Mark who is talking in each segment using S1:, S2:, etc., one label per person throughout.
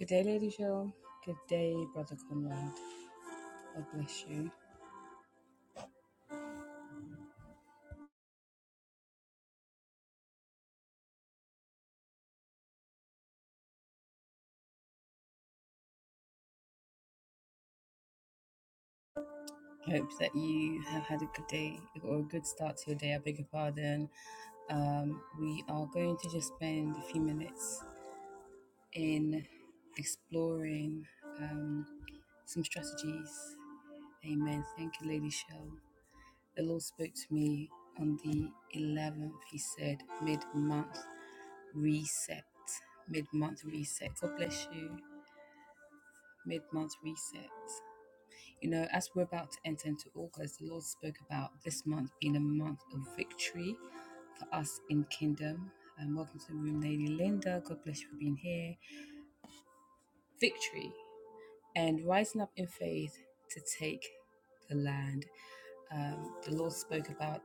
S1: Good day, Lady Cheryl. Good day, Brother Conrad. God bless you. Hope that you have had a good day or a good start to your day. I beg your pardon. Um, we are going to just spend a few minutes in exploring um, some strategies. Amen. Thank you, Lady Cheryl. The Lord spoke to me on the 11th. He said, mid month reset. Mid month reset. God bless you. Mid month reset. You know, as we're about to enter into August, the Lord spoke about this month being a month of victory for us in kingdom. And welcome to the room, Lady Linda. God bless you for being here. Victory and rising up in faith to take the land. Um, the Lord spoke about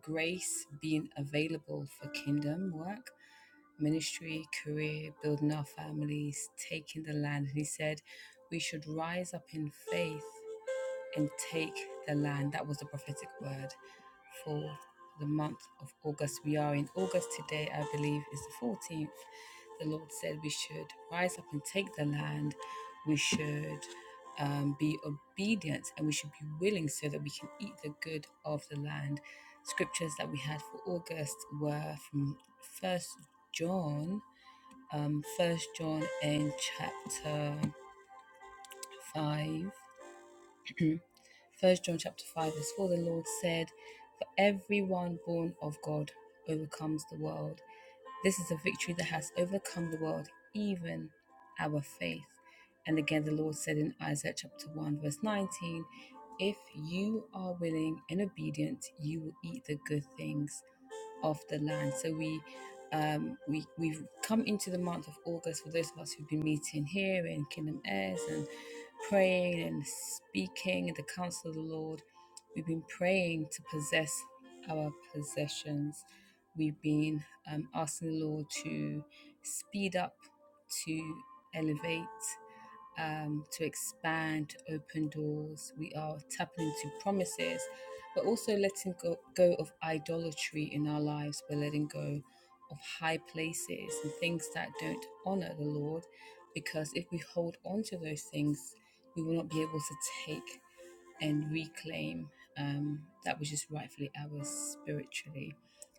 S1: grace being available for kingdom work ministry, career, building our families, taking the land. And he said, We should rise up in faith and take the land. That was the prophetic word for the month of August. We are in August today, I believe, is the 14th. The Lord said we should rise up and take the land. We should um, be obedient and we should be willing so that we can eat the good of the land. Scriptures that we had for August were from First John, um, First John and chapter five. First John chapter 5 is for the Lord said, For everyone born of God overcomes the world. This is a victory that has overcome the world, even our faith. And again, the Lord said in Isaiah chapter 1, verse 19, If you are willing and obedient, you will eat the good things of the land. So we um, we we've come into the month of August for those of us who've been meeting here in Kingdom Airs and praying and speaking at the counsel of the Lord. We've been praying to possess our possessions. We've been um, asking the Lord to speed up, to elevate, um, to expand, open doors. We are tapping into promises, but also letting go, go of idolatry in our lives. We're letting go of high places and things that don't honor the Lord, because if we hold on to those things, we will not be able to take and reclaim um, that which is rightfully ours spiritually.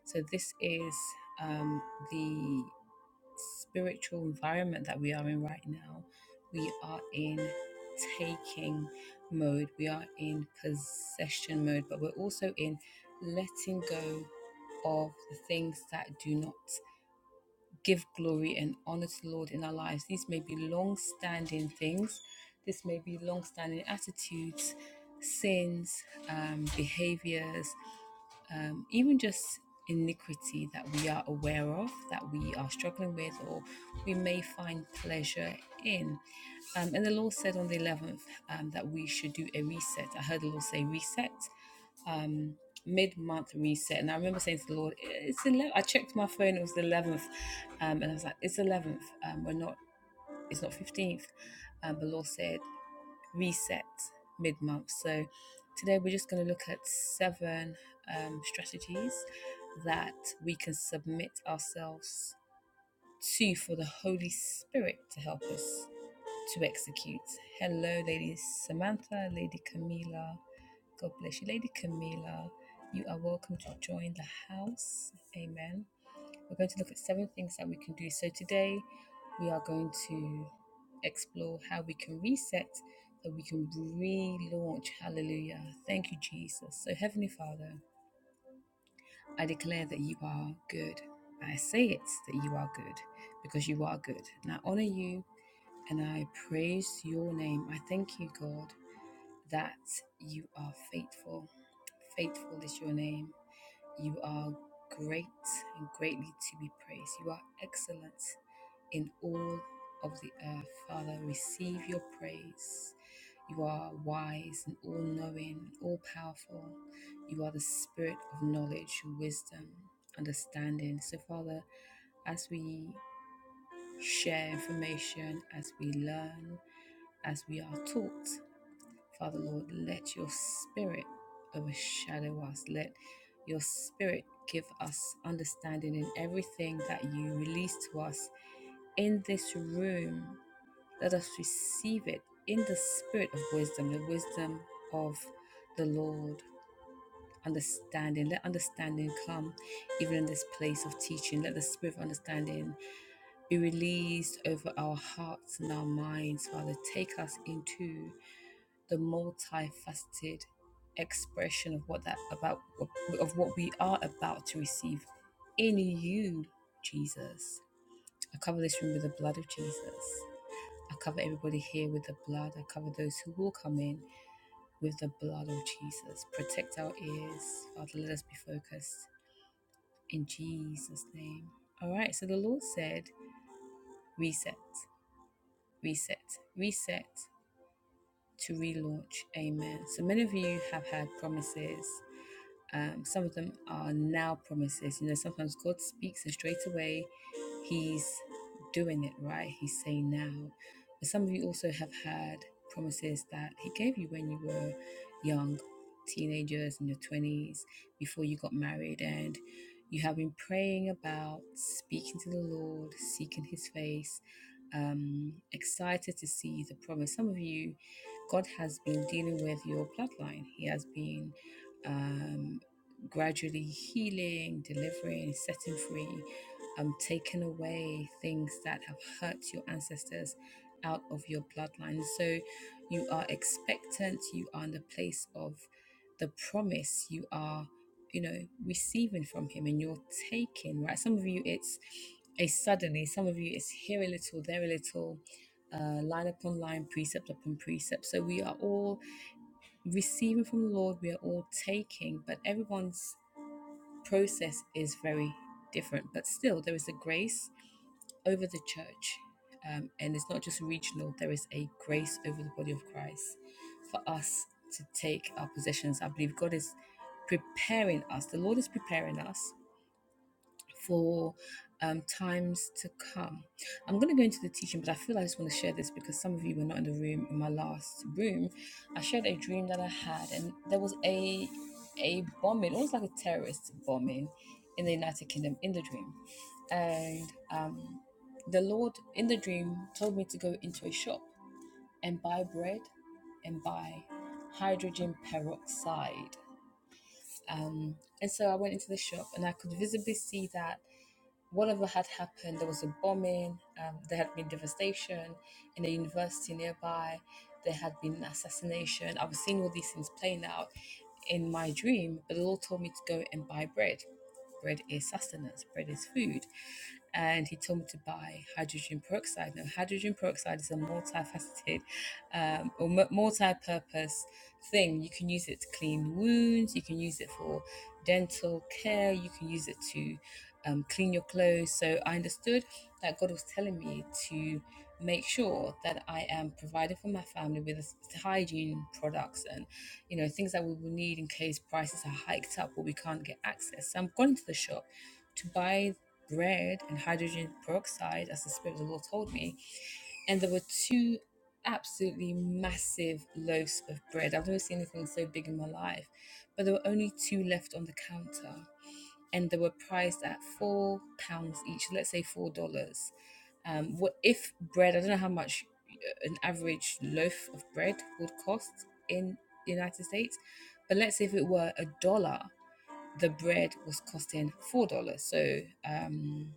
S1: So, this is um, the spiritual environment that we are in right now. We are in taking mode, we are in possession mode, but we're also in letting go of the things that do not give glory and honor to the Lord in our lives. These may be long standing things, this may be long standing attitudes, sins, um, behaviors, um, even just iniquity that we are aware of, that we are struggling with, or we may find pleasure in. Um, and the Lord said on the 11th um, that we should do a reset. I heard the Lord say reset Um, mid month reset. And I remember saying to the Lord, it's 11. I checked my phone, it was the 11th. Um, and I was like, it's 11th. Um, we're not, it's not 15th. Um, the Lord said, reset mid month. So today we're just going to look at seven um, strategies that we can submit ourselves to for the Holy Spirit to help us to execute. Hello, Lady Samantha, Lady Camila. God bless you, Lady Camila. You are welcome to join the house. Amen. We're going to look at seven things that we can do. So today we are going to explore how we can reset so we can relaunch. Hallelujah. Thank you, Jesus. So, Heavenly Father, I declare that you are good. I say it that you are good because you are good. And I honor you and I praise your name. I thank you, God, that you are faithful. Faithful is your name. You are great and greatly to be praised. You are excellent in all of the earth. Father, receive your praise. You are wise and all knowing, all powerful. You are the spirit of knowledge, wisdom, understanding. So, Father, as we share information, as we learn, as we are taught. Father Lord, let your spirit overshadow us. Let your spirit give us understanding in everything that you release to us in this room. Let us receive it in the spirit of wisdom, the wisdom of the Lord. Understanding, let understanding come even in this place of teaching. Let the spirit of understanding be released over our hearts and our minds, Father. Take us into the multifaceted expression of what that about of what we are about to receive in you, Jesus. I cover this room with the blood of Jesus. I cover everybody here with the blood. I cover those who will come in with the blood of Jesus. Protect our ears. Father, let us be focused in Jesus' name. All right, so the Lord said, reset, reset, reset to relaunch. Amen. So many of you have had promises Um, some of them are now promises. You know, sometimes God speaks and straight away He's doing it right. He's saying now. But some of you also have had promises that He gave you when you were young, teenagers, in your 20s, before you got married, and you have been praying about speaking to the Lord, seeking His face. Um, excited to see the promise. Some of you, God has been dealing with your bloodline. He has been um, gradually healing, delivering, setting free, um, taking away things that have hurt your ancestors out of your bloodline. So you are expectant, you are in the place of the promise, you are, you know, receiving from Him and you're taking, right? Some of you, it's a suddenly, some of you, it's here a little, there a little. Uh, line upon line, precept upon precept. So we are all receiving from the Lord, we are all taking, but everyone's process is very different, but still, there is a grace over the church. Um, and it's not just regional, there is a grace over the body of Christ for us to take our possessions. I believe God is preparing us, the Lord is preparing us for um, times to come. I'm going to go into the teaching, but I feel like I just want to share this because some of you were not in the room in my last room. I shared a dream that I had, and there was a a bombing, almost like a terrorist bombing, in the United Kingdom in the dream, and um, the Lord in the dream told me to go into a shop and buy bread and buy hydrogen peroxide. Um, and so I went into the shop and I could visibly see that whatever had happened, there was a bombing, um, there had been devastation in a university nearby, there had been an assassination. I was seeing all these things playing out in my dream, but the Lord told me to go and buy bread. Bread is sustenance, bread is food and he told me to buy hydrogen peroxide. Now, hydrogen peroxide is a multifaceted um, or mu- multi-purpose thing. You can use it to clean wounds. You can use it for dental care. You can use it to um, clean your clothes. So I understood that God was telling me to make sure that I am providing for my family with s- hygiene products and you know things that we will need in case prices are hiked up or we can't get access. So I'm going to the shop to buy bread and hydrogen peroxide, as the Spirit of the Lord told me. And there were two absolutely massive loaves of bread. I've never seen anything so big in my life. But there were only two left on the counter. And they were priced at four pounds each, let's say four dollars. Um, what if bread? I don't know how much uh, an average loaf of bread would cost in the United States, but let's say if it were a dollar, the bread was costing four dollars so um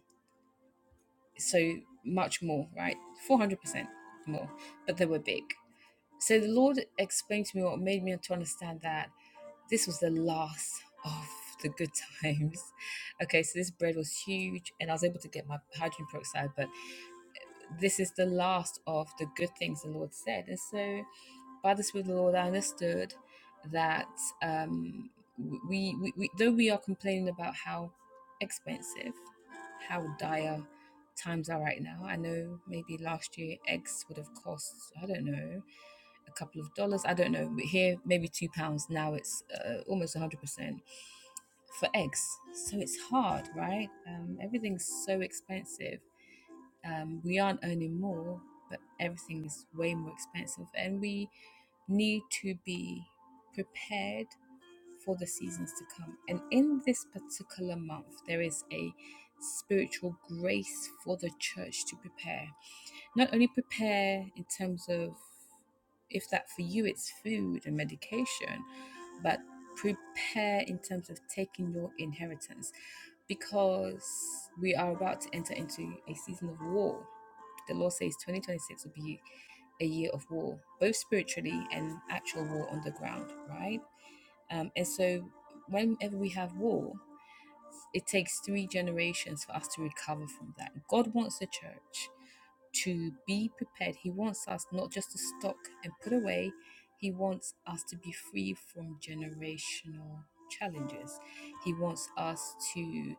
S1: so much more right 400 percent more but they were big so the lord explained to me what made me to understand that this was the last of the good times okay so this bread was huge and i was able to get my hydrogen peroxide but this is the last of the good things the lord said and so by the speed of the Lord, I understood that um, we, we, we, though we are complaining about how expensive, how dire times are right now, I know maybe last year eggs would have cost, I don't know, a couple of dollars. I don't know. But here, maybe two pounds. Now it's uh, almost 100% for eggs. So it's hard, right? Um, everything's so expensive. Um, we aren't earning more, but everything is way more expensive, and we need to be prepared for the seasons to come. And in this particular month, there is a spiritual grace for the church to prepare. Not only prepare in terms of if that for you it's food and medication, but prepare in terms of taking your inheritance because we are about to enter into a season of war the Lord says 2026 will be a year of war, both spiritually and actual war on the ground, right? Um, and so, whenever we have war, it takes three generations for us to recover from that. God wants the church to be prepared. He wants us not just to stock and put away, He wants us to be free from generational challenges. He wants us to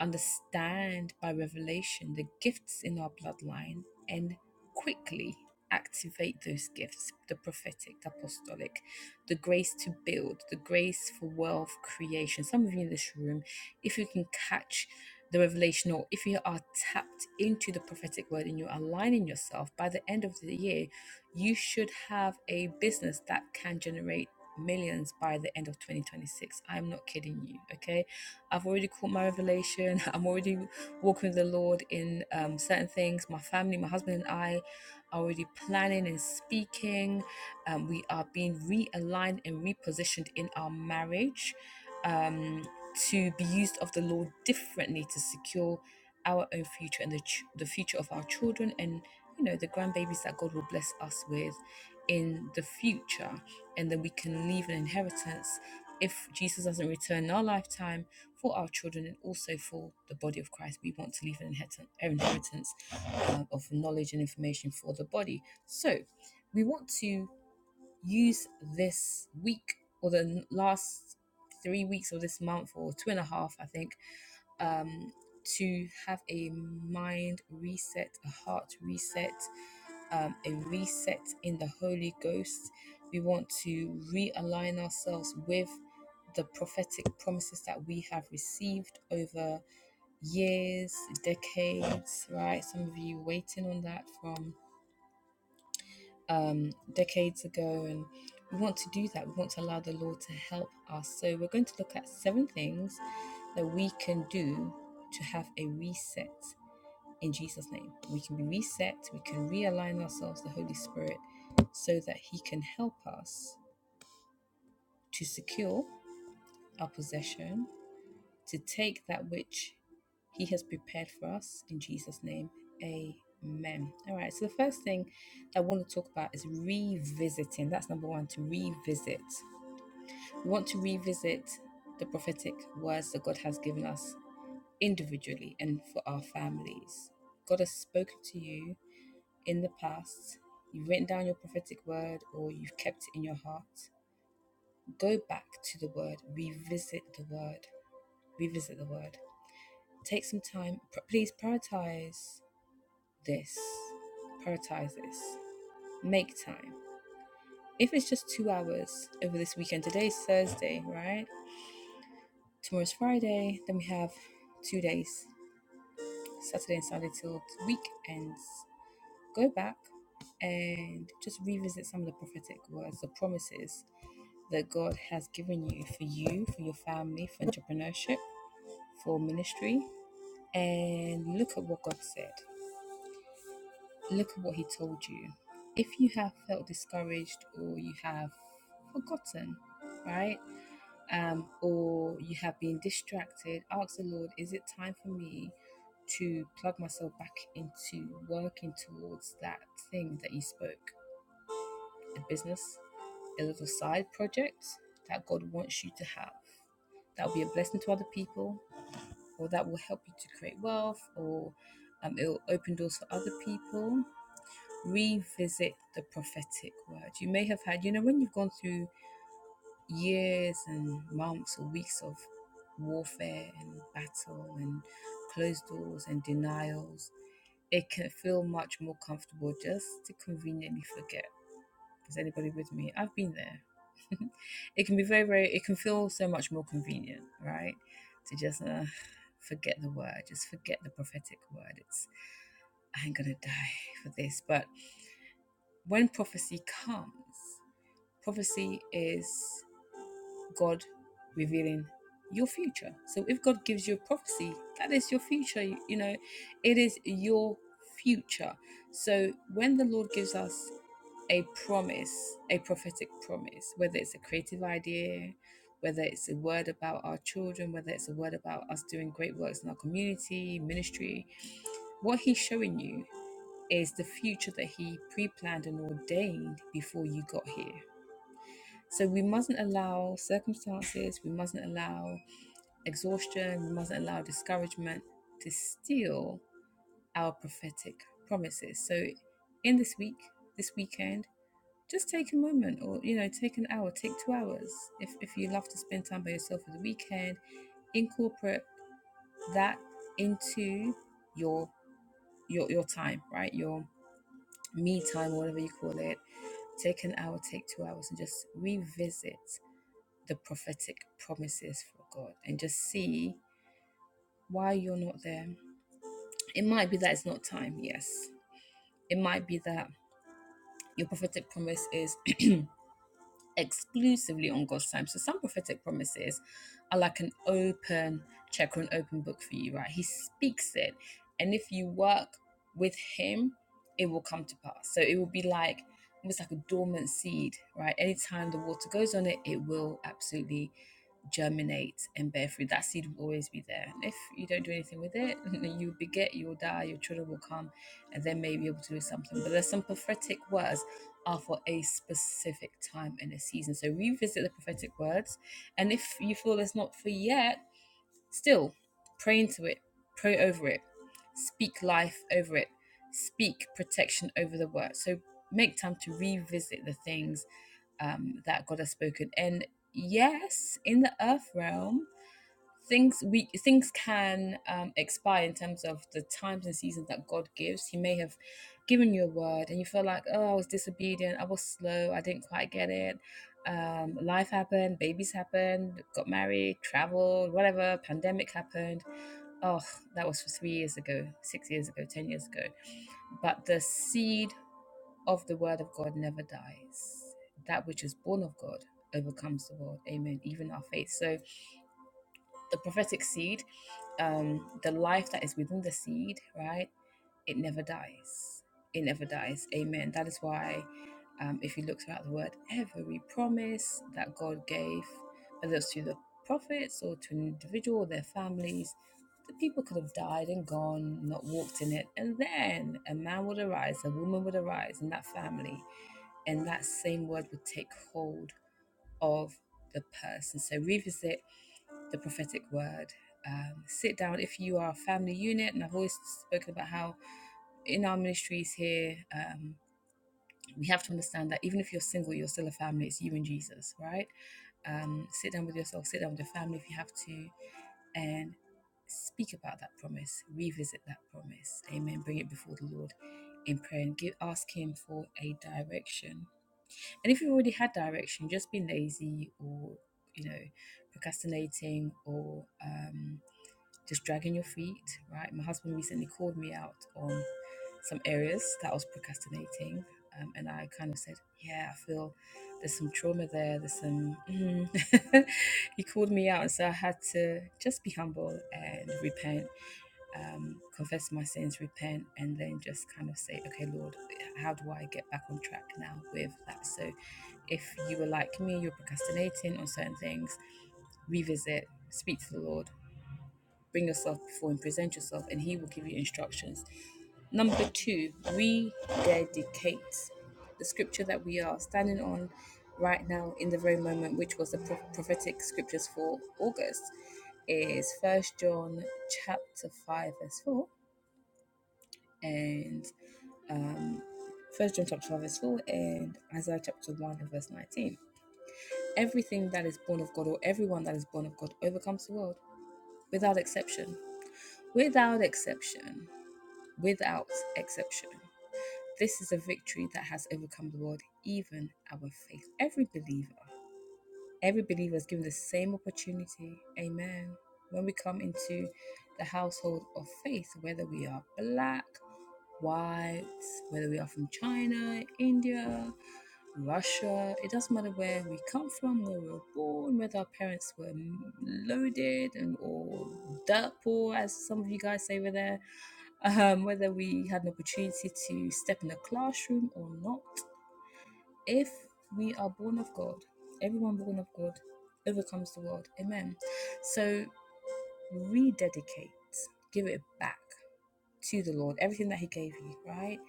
S1: understand by revelation the gifts in our bloodline and quickly activate those gifts the prophetic, the apostolic, the grace to build, the grace for wealth creation. Some of you in this room, if you can catch the revelation or if you are tapped into the prophetic word and you're aligning yourself by the end of the year, you should have a business that can generate millions by the end of 2026. I'm not kidding you, okay? I've already caught my revelation. I'm already walking with the Lord in um, certain things. My family, my husband, and I are already planning and speaking. Um, we are being realigned and repositioned in our marriage um, to be used of the Lord differently to secure our own future and the, ch- the future of our children and you know the grandbabies that God will bless us with in the future and then we can leave an inheritance if Jesus doesn't return in our lifetime for our children and also for the body of Christ. We want to leave an inheritance, inheritance um, of knowledge and information for the body. So we want to use this week or the last three weeks of this month or two and a half, I think, um, to have a mind reset, a heart reset, um, a reset in the Holy Ghost. We want to realign ourselves with the prophetic promises that we have received over years, decades, right? Some of you waiting on that from um, decades ago. And we want to do that. We want to allow the Lord to help us. So we're going to look at seven things that we can do to have a reset in Jesus' name. We can be reset, we can realign ourselves, to the Holy Spirit, so that He can help us to secure our possession to take that which He has prepared for us in Jesus' name. Amen. All right, so the first thing I want to talk about is revisiting. That's number one to revisit. We want to revisit the prophetic words that God has given us individually and for our families. God has spoken to you in the past, you've written down your prophetic word or you've kept it in your heart. Go back to the word, revisit the word, revisit the word. Take some time. Pr- Please prioritize this. Prioritize this. Make time. If it's just two hours over this weekend, today's Thursday, right? Tomorrow's Friday. Then we have two days, Saturday and Sunday till the week ends. Go back and just revisit some of the prophetic words, the promises that God has given you for you, for your family, for entrepreneurship, for ministry, and look at what God said. Look at what he told you. If you have felt discouraged or you have forgotten, right? Um, or you have been distracted, ask the Lord, is it time for me to plug myself back into working towards that thing that you spoke? A business, a little side project that God wants you to have. That will be a blessing to other people, or that will help you to create wealth, or um, it will open doors for other people revisit the prophetic word. You may have had, you know, when you've gone through years and months or weeks of warfare and battle and closed doors and denials, it can feel much more comfortable just to conveniently forget. Is anybody with me? I've been there. it can be very, very, it can feel so much more convenient, right? To just uh, forget the word, just forget the prophetic word. It's, I ain't gonna die for this. But when prophecy comes, prophecy is God revealing your future. So if God gives you a prophecy, that is your future. You you know, it is your future. So when the Lord gives us a promise, a prophetic promise, whether it's a creative idea, whether it's a word about our children, whether it's a word about us doing great works in our community, ministry, what He's showing you is the future that He pre planned and ordained before you got here. So we mustn't allow circumstances, we mustn't allow exhaustion, we mustn't allow discouragement to steal our prophetic promises. So in this week, this weekend, just take a moment or you know take an hour take two hours if, if you love to spend time by yourself for the weekend incorporate that into your your your time right your me time whatever you call it Take an hour, take two hours, and just revisit the prophetic promises for God and just see why you're not there. It might be that it's not time, yes. It might be that your prophetic promise is exclusively on God's time. So some prophetic promises are like an open check or an open book for you, right? He speaks it. And if you work with him, it will come to pass. So it will be like almost like a dormant seed, right? Anytime the water goes on it, it will absolutely germinate and bear fruit. That seed will always be there. And if you don't do anything with it, you beget, you will die, your children will come, and they may be able to do something. But there's some prophetic words are for a specific time and a season. So revisit the prophetic words. And if you feel it's not for yet, still pray into it, pray over it, speak life over it, speak protection over the word. So make time to revisit the things um, that God has spoken. And yes, in the earth realm, things we things can um, expire in terms of the times and seasons that God gives. He may have given you a word, and you feel like, oh, I was disobedient, I was slow, I didn't quite get it. Um, life happened, babies happened, got married, traveled, whatever. Pandemic happened. Oh, that was for three years ago, six years ago, ten years ago. But the seed of the word of God never dies. That which is born of God overcomes the world. Amen. Even our faith. So the prophetic seed, um, the life that is within the seed, right? it never dies. It never dies. Amen. That is why, um, if you look throughout the word, every promise that God gave, whether it's to the prophets or to an individual or their families, the people could have died and gone, not walked in it. And then a man would arise, a woman would arise in that family, and that same word would take hold of the person. So revisit the prophetic word. Um, sit down if you are a family unit, and I've always spoken about how in our ministries here, um, we have to understand that even if you're single, you're still a family. It's you and Jesus, right? Um, sit down with yourself, sit down with your family if you have to, and speak about that promise, revisit that promise. Amen. Bring it before the Lord in prayer and give, ask Him for a direction. And if you've already had direction, just been lazy or you know procrastinating or um, just dragging your feet, right? My husband recently called me out on some areas that I was procrastinating. Um, and I kind of said, Yeah, I feel there's some trauma there. There's some. Mm. he called me out. And so I had to just be humble and repent, um, confess my sins, repent, and then just kind of say, Okay, Lord, how do I get back on track now with that? So if you were like me, you're procrastinating on certain things, revisit, speak to the Lord, bring yourself before and present yourself, and He will give you instructions. Number two, rededicate the scripture that we are standing on right now in the very moment, which was the prophetic scriptures for August, is First John chapter five verse four and um, First John chapter five verse four and Isaiah chapter one and verse nineteen. Everything that is born of God, or everyone that is born of God, overcomes the world without exception. Without exception without exception. This is a victory that has overcome the world, even our faith. Every believer Every believer is given the same opportunity. Amen. When we come into the household of faith, whether we are black, white, whether we are from China, India, Russia, it doesn't matter where we come from, where we were born, whether our parents were loaded and or dirt poor, as some of you guys say over there, um, whether we had an opportunity to step in the classroom or not. If we are born of God, everyone born of God overcomes the world. Amen. So rededicate, give it back to the Lord, everything that He gave you, right?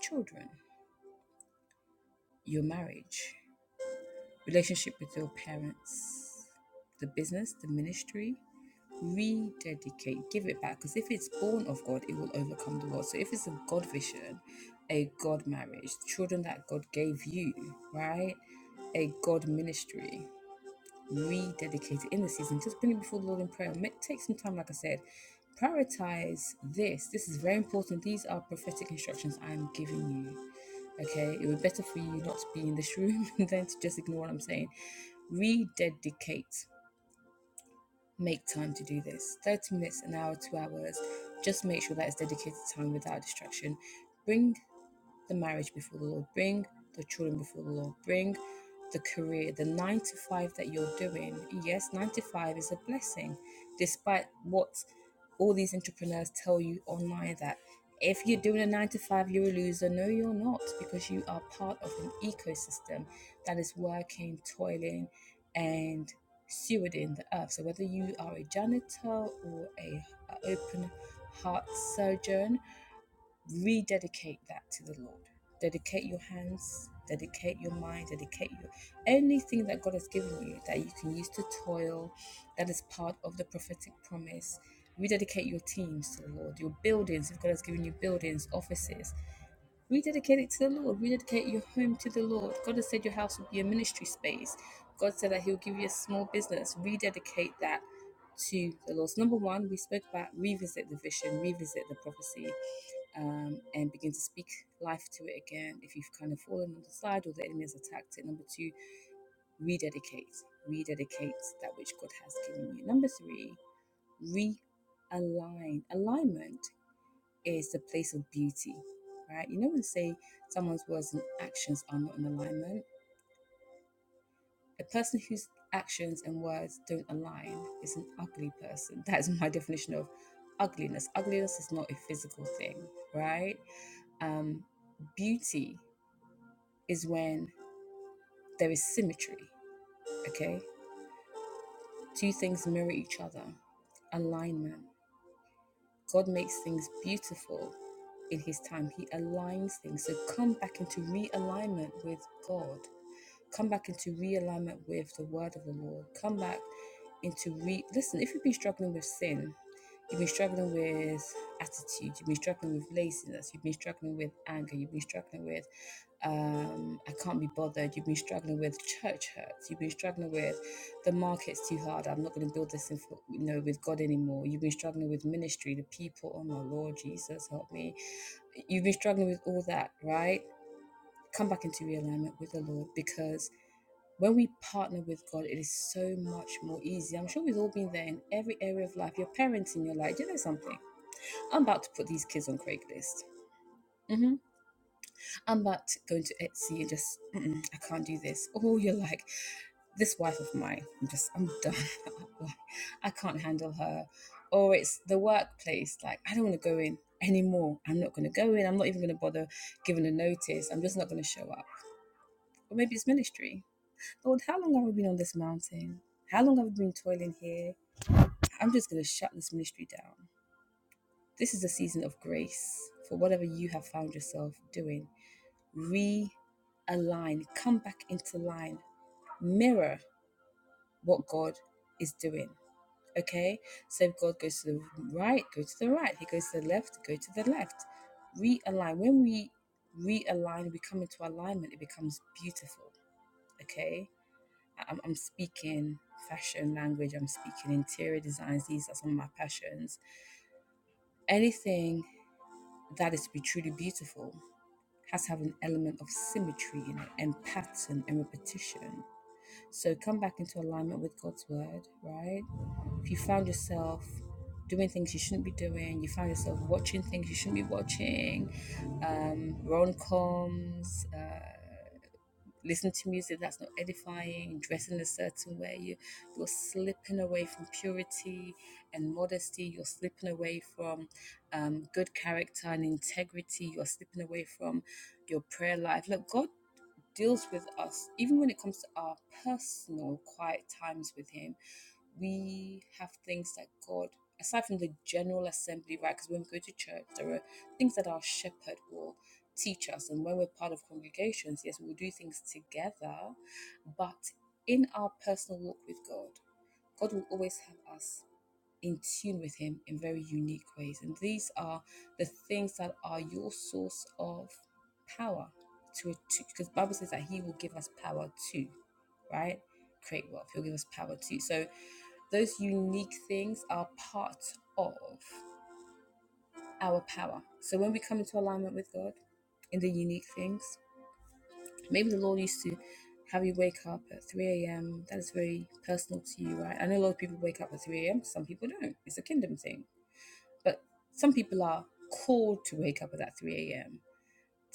S1: Children, your marriage, relationship with your parents, the business, the ministry. Rededicate, give it back because if it's born of God, it will overcome the world. So if it's a God vision, a God marriage, children that God gave you, right? A God ministry, rededicated in the season. Just bring it before the Lord in prayer. Make, take some time, like I said. Prioritize this. This is very important. These are prophetic instructions I am giving you. Okay, it would be better for you not to be in this room than to just ignore what I'm saying. Rededicate. Make time to do this. 30 minutes, an hour, two hours. Just make sure that it's dedicated time without distraction. Bring the marriage before the Lord, bring the children before the Lord, bring the career, the nine to five that you're doing. Yes, nine to five is a blessing, despite what all these entrepreneurs tell you online that if you're doing a nine to five, you're a loser. No, you're not, because you are part of an ecosystem that is working, toiling, and stewarding the earth. So whether you are a janitor or a, a open heart surgeon rededicate that to the Lord. Dedicate your hands, dedicate your mind, dedicate your anything that God has given you that you can use to toil, that is part of the prophetic promise. Rededicate your teams to the Lord, your buildings, if God has given you buildings, offices, rededicate it to the Lord, rededicate your home to the Lord. God has said your house will be a ministry space. God said that He'll give you a small business. Rededicate that to the Lord. So number one, we spoke about revisit the vision, revisit the prophecy um, and begin to speak life to it again if you've kind of fallen on the side or the enemy has attacked it. Number two, rededicate, rededicate that which God has given you. Number three, realign. Alignment is the place of beauty, right? You know when they say someone's words and actions are not in alignment. A person whose actions and words don't align is an ugly person. That is my definition of ugliness. Ugliness is not a physical thing, right? Um, beauty is when there is symmetry, okay? Two things mirror each other, alignment. God makes things beautiful in His time, He aligns things. So come back into realignment with God. Come back into realignment with the word of the Lord. Come back into re listen, if you've been struggling with sin, you've been struggling with attitude, you've been struggling with laziness, you've been struggling with anger, you've been struggling with um, I can't be bothered, you've been struggling with church hurts, you've been struggling with the market's too hard, I'm not going to build this in, for- you know, with God anymore, you've been struggling with ministry, the people, oh my Lord, Jesus, help me. You've been struggling with all that, right? Come back into realignment with the Lord because when we partner with God, it is so much more easy. I'm sure we've all been there in every area of life. Your parents in your life, you know something. I'm about to put these kids on Craigslist. hmm I'm about to go to Etsy and just, Mm-mm, I can't do this. Oh, you're like, this wife of mine, I'm just, I'm done. I can't handle her. Or it's the workplace, like, I don't want to go in anymore. I'm not going to go in. I'm not even going to bother giving a notice. I'm just not going to show up. Or maybe it's ministry Lord, how long have I been on this mountain? How long have I been toiling here? I'm just going to shut this ministry down. This is a season of grace for whatever you have found yourself doing. Realign, come back into line, mirror what God is doing. Okay? So if God goes to the right, go to the right. He goes to the left, go to the left. Realign. When we realign, we come into alignment, it becomes beautiful. Okay? I'm, I'm speaking fashion language, I'm speaking interior designs. These are some of my passions. Anything that is to be truly beautiful has to have an element of symmetry in it and pattern and repetition. So come back into alignment with God's word, right? If you found yourself doing things you shouldn't be doing, you found yourself watching things you shouldn't be watching, um, rom coms, listening to music that's not edifying, dressing a certain way. You, you're slipping away from purity and modesty. You're slipping away from um, good character and integrity. You're slipping away from your prayer life. Look, God deals with us, even when it comes to our personal quiet times with Him, we have things that God, aside from the general assembly, right? Because when we go to church, there are things that our shepherd will teach us. And when we're part of congregations, yes, we'll do things together. But in our personal walk with God, God will always have us in tune with Him in very unique ways. And these are the things that are your source of power to to because the Bible says that He will give us power too, right? Create wealth. He'll give us power too. So those unique things are part of our power. So when we come into alignment with God in the unique things, maybe the Lord used to have you wake up at 3 a.m. That is very personal to you, right? I know a lot of people wake up at 3 a.m. Some people don't. It's a kingdom thing but some people are called to wake up at that 3 a.m.,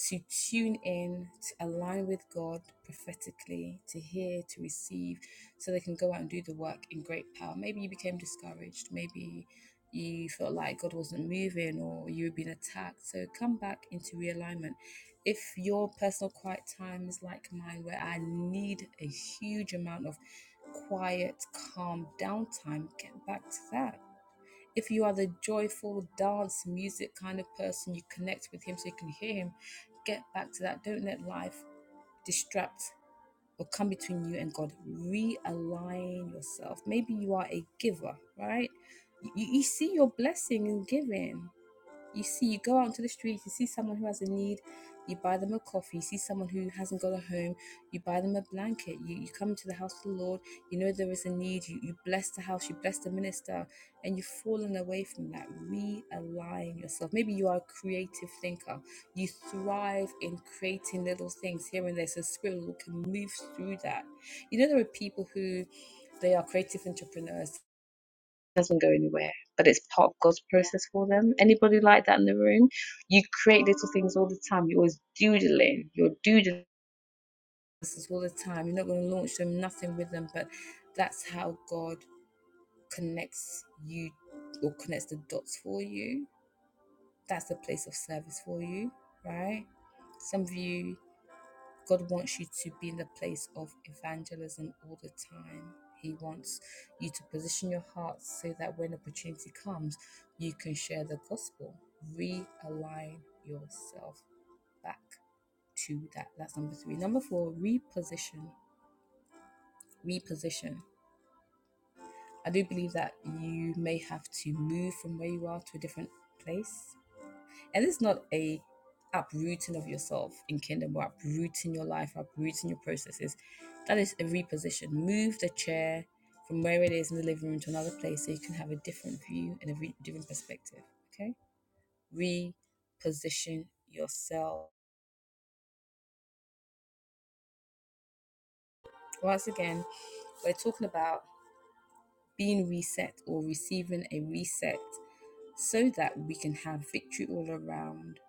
S1: to tune in, to align with God prophetically, to hear, to receive, so they can go out and do the work in great power. Maybe you became discouraged. Maybe you felt like God wasn't moving or you were being attacked. So come back into realignment. If your personal quiet time is like mine, where I need a huge amount of quiet, calm downtime, get back to that if you are the joyful dance music kind of person, you connect with him so you can hear him. Get back to that. Don't let life distract or come between you and God. Realign yourself. Maybe you are a giver, right? You, you see your blessing in giving. You see, you go out into the streets, you see someone who has a need, you buy them a coffee, you see someone who hasn't got a home, you buy them a blanket, you, you come into the house of the Lord, you know there is a need, you, you bless the house, you bless the minister, and you've fallen away from that. Realign yourself. Maybe you are a creative thinker, you thrive in creating little things here and there, so Spirit of the Lord can move through that. You know, there are people who they are creative entrepreneurs doesn't go anywhere, but it's part of God's process for them. Anybody like that in the room? You create little things all the time. You're always doodling. You're doodling businesses all the time. You're not going to launch them, nothing with them, but that's how God connects you or connects the dots for you. That's the place of service for you, right? Some of you God wants you to be in the place of evangelism all the time. He wants you to position your heart so that when opportunity comes, you can share the gospel. Realign yourself back to that. That's number three. Number four, reposition. Reposition. I do believe that you may have to move from where you are to a different place And it's not a uprooting of yourself in kingdom or uprooting your life, uprooting your processes. That is a reposition. Move the chair from where it is in the living room to another place so you can have a different view and a re- different perspective. Okay? Reposition yourself. Once again, we're talking about being reset or receiving a reset so that we can have victory all around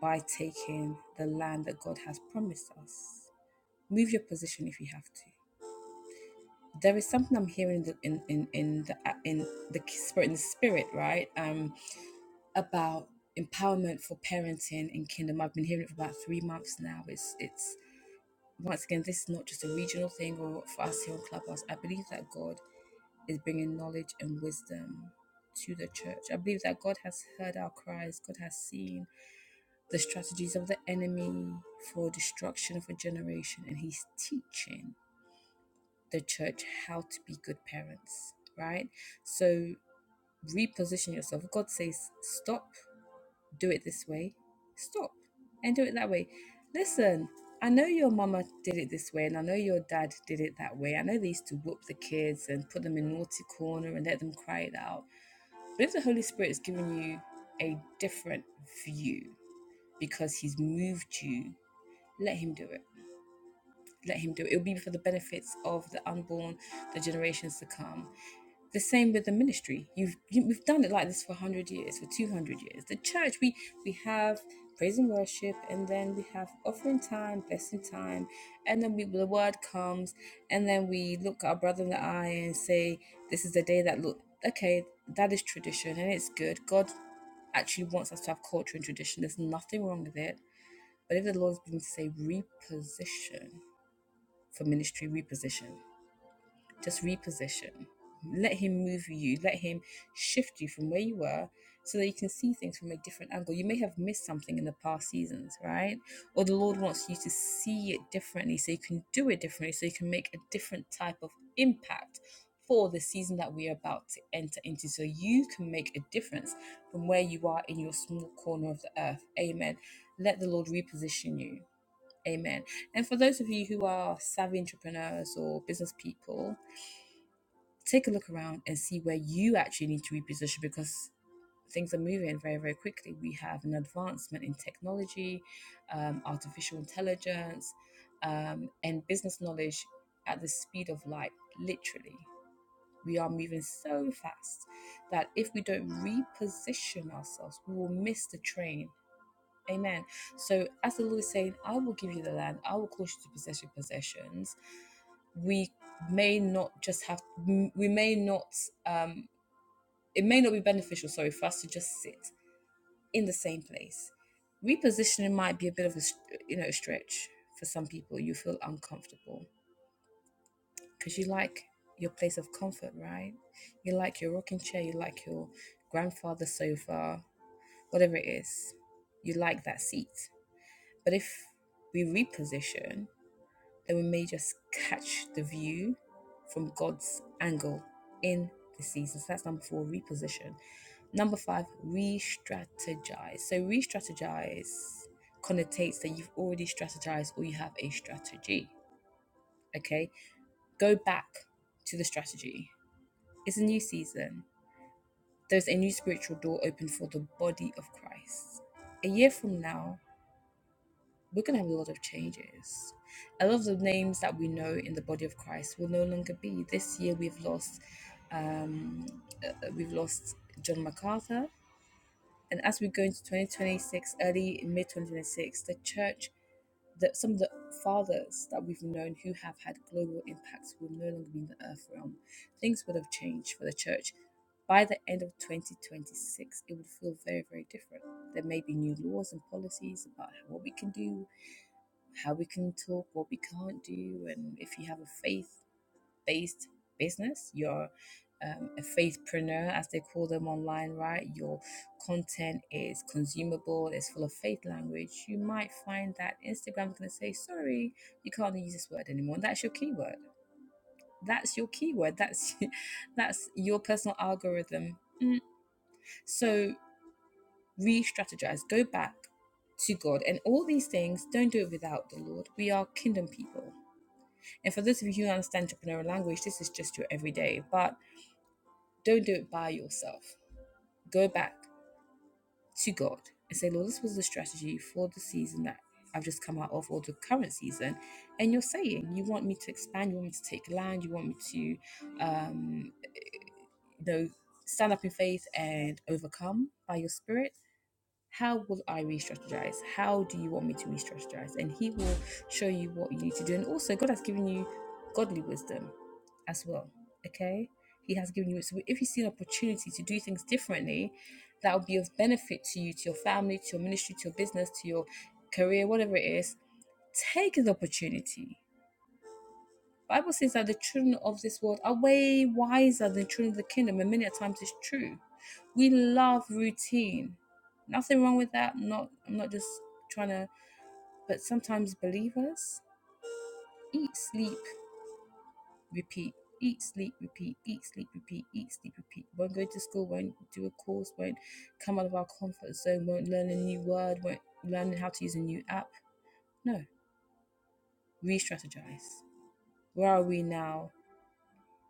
S1: by taking the land that God has promised us. move your position if you have to. There is something I'm hearing in in, in, the uh, in the spirit in the spirit, right? Um, about empowerment for parenting in kingdom. I've been hearing it for about three months now. It's it's once again, this is not just a regional thing or for us here on Clubhouse. I believe that God is bringing knowledge and wisdom to the church. I believe that God has heard our cries. God has seen the strategies of the enemy for destruction of a generation, and He's teaching the church how to be good parents, right? So reposition yourself. God says, stop, do it this way, stop, and do it that way. Listen, I know your mama did it this way, and I know your dad did it that way. I know they used to whoop the kids and put them in naughty corner and let them cry it out. But if the Holy Spirit is giving you a different view because He's moved you, let Him do it let him do it. It'll be for the benefits of the unborn, the generations to come. The same with the ministry. You've you, we've done it like this for one hundred years, for two hundred years. The church, we we have praise and worship, and then we have offering time, blessing time, and then we the word comes, and then we look our brother in the eye and say, "This is the day that look okay." That is tradition, and it's good. God actually wants us to have culture and tradition. There's nothing wrong with it. But if the Lord's been to say reposition, for ministry reposition. Just reposition. Let him move you, let him shift you from where you were so that you can see things from a different angle. You may have missed something in the past seasons, right? Or the Lord wants you to see it differently so you can do it differently, so you can make a different type of impact for the season that we are about to enter into so you can make a difference from where you are in your small corner of the earth. Amen. Let the Lord reposition you Amen. And for those of you who are savvy entrepreneurs or business people, take a look around and see where you actually need to reposition because things are moving very, very quickly. We have an advancement in technology, um, artificial intelligence, um, and business knowledge at the speed of light, literally. We are moving so fast that if we don't reposition ourselves, we will miss the train Amen. So as the Lord is saying, I will give you the land, I will cause you to possess your possessions. We may not just have we may not um it may not be beneficial, sorry, for us to just sit in the same place. Repositioning might be a bit of a you know stretch for some people. You feel uncomfortable because you like your place of comfort, right? You like your rocking chair, you like your grandfather's sofa, whatever it is. You like that seat. But if we reposition, then we may just catch the view from God's angle in the season. So that's number four, reposition. Number five, re strategize. So, re strategize connotates that you've already strategized or you have a strategy. Okay, go back to the strategy. It's a new season. There's a new spiritual door open for the body of Christ. A year from now, we're going to have a lot of changes. A lot of the names that we know in the body of Christ will no longer be. This year we've lost, um, uh, we've lost John MacArthur, and as we go into 2026, early mid 2026, the church, that some of the fathers that we've known who have had global impacts will no longer be in the earth realm. Things would have changed for the church. By the end of 2026, it would feel very, very different. There may be new laws and policies about what we can do, how we can talk, what we can't do. And if you have a faith based business, you're um, a faithpreneur, as they call them online, right? Your content is consumable, it's full of faith language. You might find that Instagram's going to say, sorry, you can't use this word anymore. And that's your keyword. That's your keyword. That's that's your personal algorithm. Mm. So re-strategize. Go back to God. And all these things, don't do it without the Lord. We are kingdom people. And for those of you who understand entrepreneurial language, this is just your everyday, but don't do it by yourself. Go back to God and say, Lord, this was the strategy for the season that I've just come out of, or the current season. And you're saying, you want me to expand, you want me to take land, you want me to, um, you know, stand up in faith and overcome by your spirit. How will I re strategize? How do you want me to re strategize? And He will show you what you need to do. And also, God has given you godly wisdom as well. Okay? He has given you it. So if you see an opportunity to do things differently, that will be of benefit to you, to your family, to your ministry, to your business, to your career, whatever it is, take the opportunity Bible says that the children of this world are way wiser than children of the kingdom, and many a times it's true. We love routine. Nothing wrong with that. I'm Not I'm not just trying to but sometimes believers eat, sleep, repeat. Eat, sleep, repeat, eat, sleep, repeat, eat, sleep, repeat. Won't go to school, won't do a course, won't come out of our comfort zone, won't learn a new word, won't learn how to use a new app. No. Re strategize. Where are we now?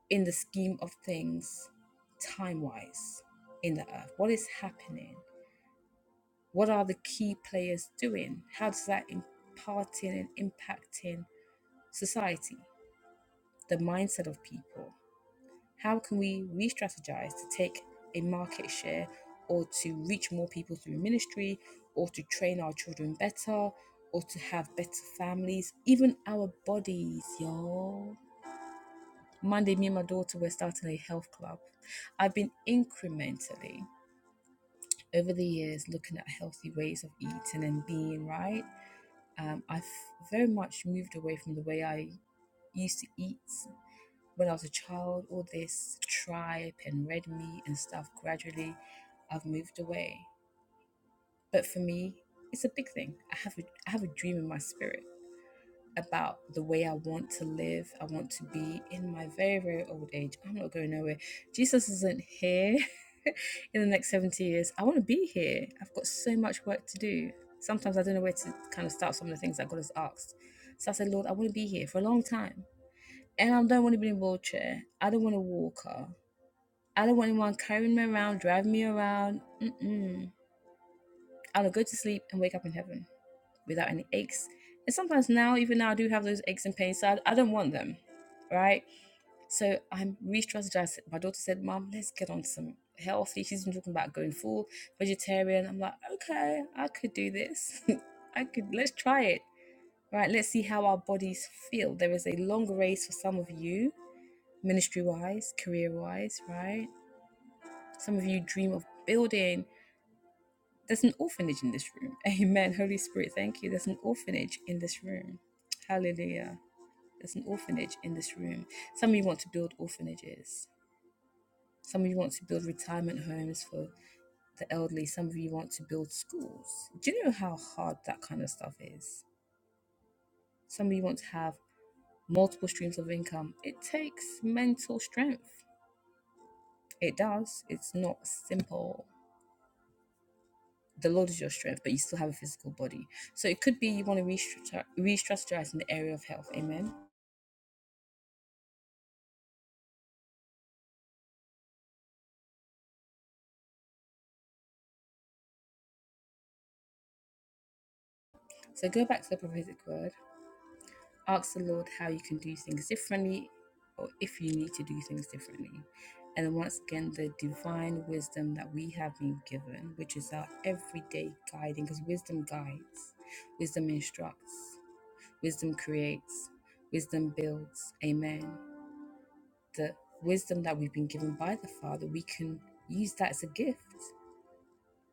S1: in the scheme of things, time wise, in the earth? What is happening? What are the key players doing? How does that imparting and impacting society, the mindset of people? How can we re strategize to take a market share or to reach more people through ministry or to train our children better or to have better families, even our bodies, y'all? Monday, me and my daughter were starting a health club. I've been incrementally over the years looking at healthy ways of eating and being right. Um, I've very much moved away from the way I used to eat when I was a child, all this tripe and red meat and stuff. Gradually, I've moved away. But for me, it's a big thing. I have a, I have a dream in my spirit about the way I want to live, I want to be in my very, very old age. I'm not going nowhere. Jesus isn't here in the next 70 years. I want to be here. I've got so much work to do. Sometimes I don't know where to kind of start some of the things that God has asked. So I said, Lord, I want to be here for a long time. And I don't want to be in a wheelchair. I don't want a walker. I don't want anyone carrying me around, driving me around. Mm-mm. I want to go to sleep and wake up in heaven without any aches. And sometimes now, even now, I do have those aches and pains, so I, I don't want them, right? So I'm re-strategizing. My daughter said, "Mom, let's get on some healthy." She's been talking about going full vegetarian. I'm like, okay, I could do this. I could. Let's try it, right? Let's see how our bodies feel. There is a long race for some of you, ministry-wise, career-wise, right? Some of you dream of building. There's an orphanage in this room. Amen. Holy Spirit, thank you. There's an orphanage in this room. Hallelujah. There's an orphanage in this room. Some of you want to build orphanages. Some of you want to build retirement homes for the elderly. Some of you want to build schools. Do you know how hard that kind of stuff is? Some of you want to have multiple streams of income. It takes mental strength. It does. It's not simple. the Lord is your strength, but you still have a physical body. So it could be you want to restructure, restructurize in the area of health. Amen. So go back to the prophetic word. Ask the Lord how you can do things differently or if you need to do things differently. And then once again, the divine wisdom that we have been given, which is our everyday guiding, because wisdom guides, wisdom instructs, wisdom creates, wisdom builds. Amen. The wisdom that we've been given by the Father, we can use that as a gift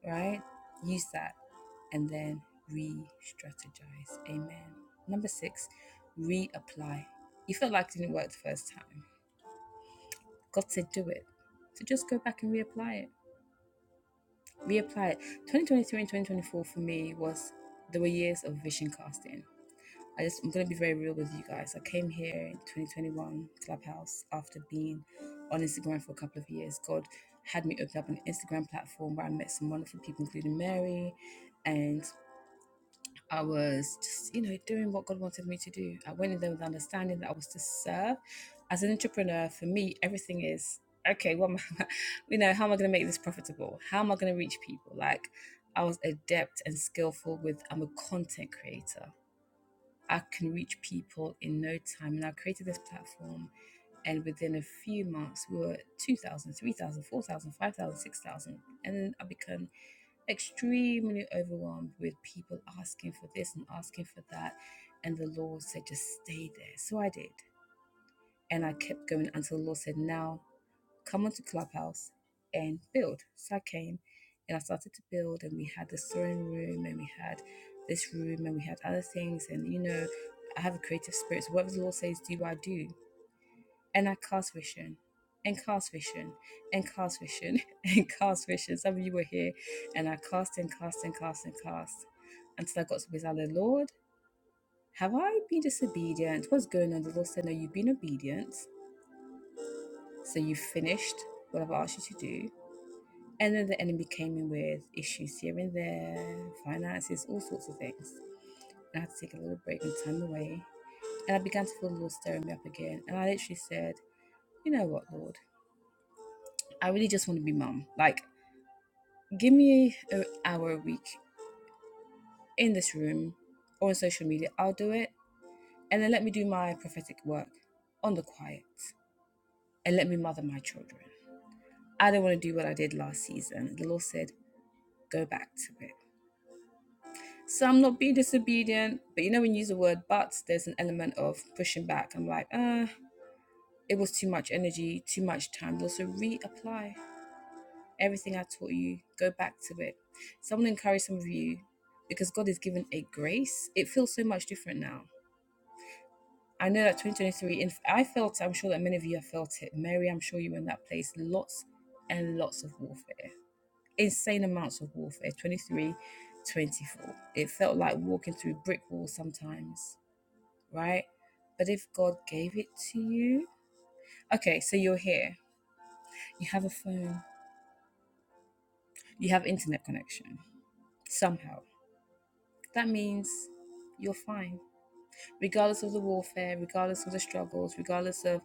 S1: right? Use that and then re strategize. Amen. Number six, reapply. You felt like it didn't work the first time. God said do it. So just go back and reapply it. Reapply it. 2023 and 2024 for me was, there were years of vision casting. I just, I'm going to be very real with you guys. I came here in 2021 Clubhouse after being on Instagram for a couple of years. God had me open up an Instagram platform where I met some wonderful people, including Mary and I was just, you know, doing what God wanted me to do. I went in there with understanding that I was to serve. As an entrepreneur, for me, everything is okay. What, am I, you know, how am I going to make this profitable? How am I going to reach people? Like, I was adept and skillful with. I'm a content creator. I can reach people in no time, and I created this platform and within a few months we were at 2000 and i became extremely overwhelmed with people asking for this and asking for that and the lord said just stay there so i did and i kept going until the lord said now come onto clubhouse and build so i came and i started to build and we had the sewing room and we had this room and we had other things and you know i have a creative spirit so whatever the lord says do i do and I cast vision and cast vision and cast vision and cast vision. Some of you were here and I cast and cast and cast and cast until I got to beside the I said, Lord, have I been disobedient? What's going on? The Lord said, No, you've been obedient. So you finished what I've asked you to do. And then the enemy came in with issues here and there, finances, all sorts of things. And I had to take a little break and time away. And I began to feel the Lord stirring me up again. And I literally said, You know what, Lord? I really just want to be mum. Like, Give me an hour a week in this room or on social media, I'll do it. And then let me do my prophetic work on the quiet and let me mother my children. I don't want to do what I did last season. The Lord said, go back to it. So I'm not being disobedient, but you know, when you use the word but, there's an element of pushing back. I'm like, ah, it was too much energy, too much time. Also, reapply everything I taught you, go back to it. So I'm going to encourage some of you because God has given a grace. It feels so much different now I know that 2023, and I felt, I'm sure that many of you have felt it. Mary, I'm sure you were in that place. Lots and lots of warfare, insane amounts of warfare. 23, 24. It felt like walking through brick walls sometimes, right? But if God gave it to you, okay, so you're here, you have a phone, you have internet connection somehow. That means you're fine. regardless of the warfare, regardless of the struggles, regardless of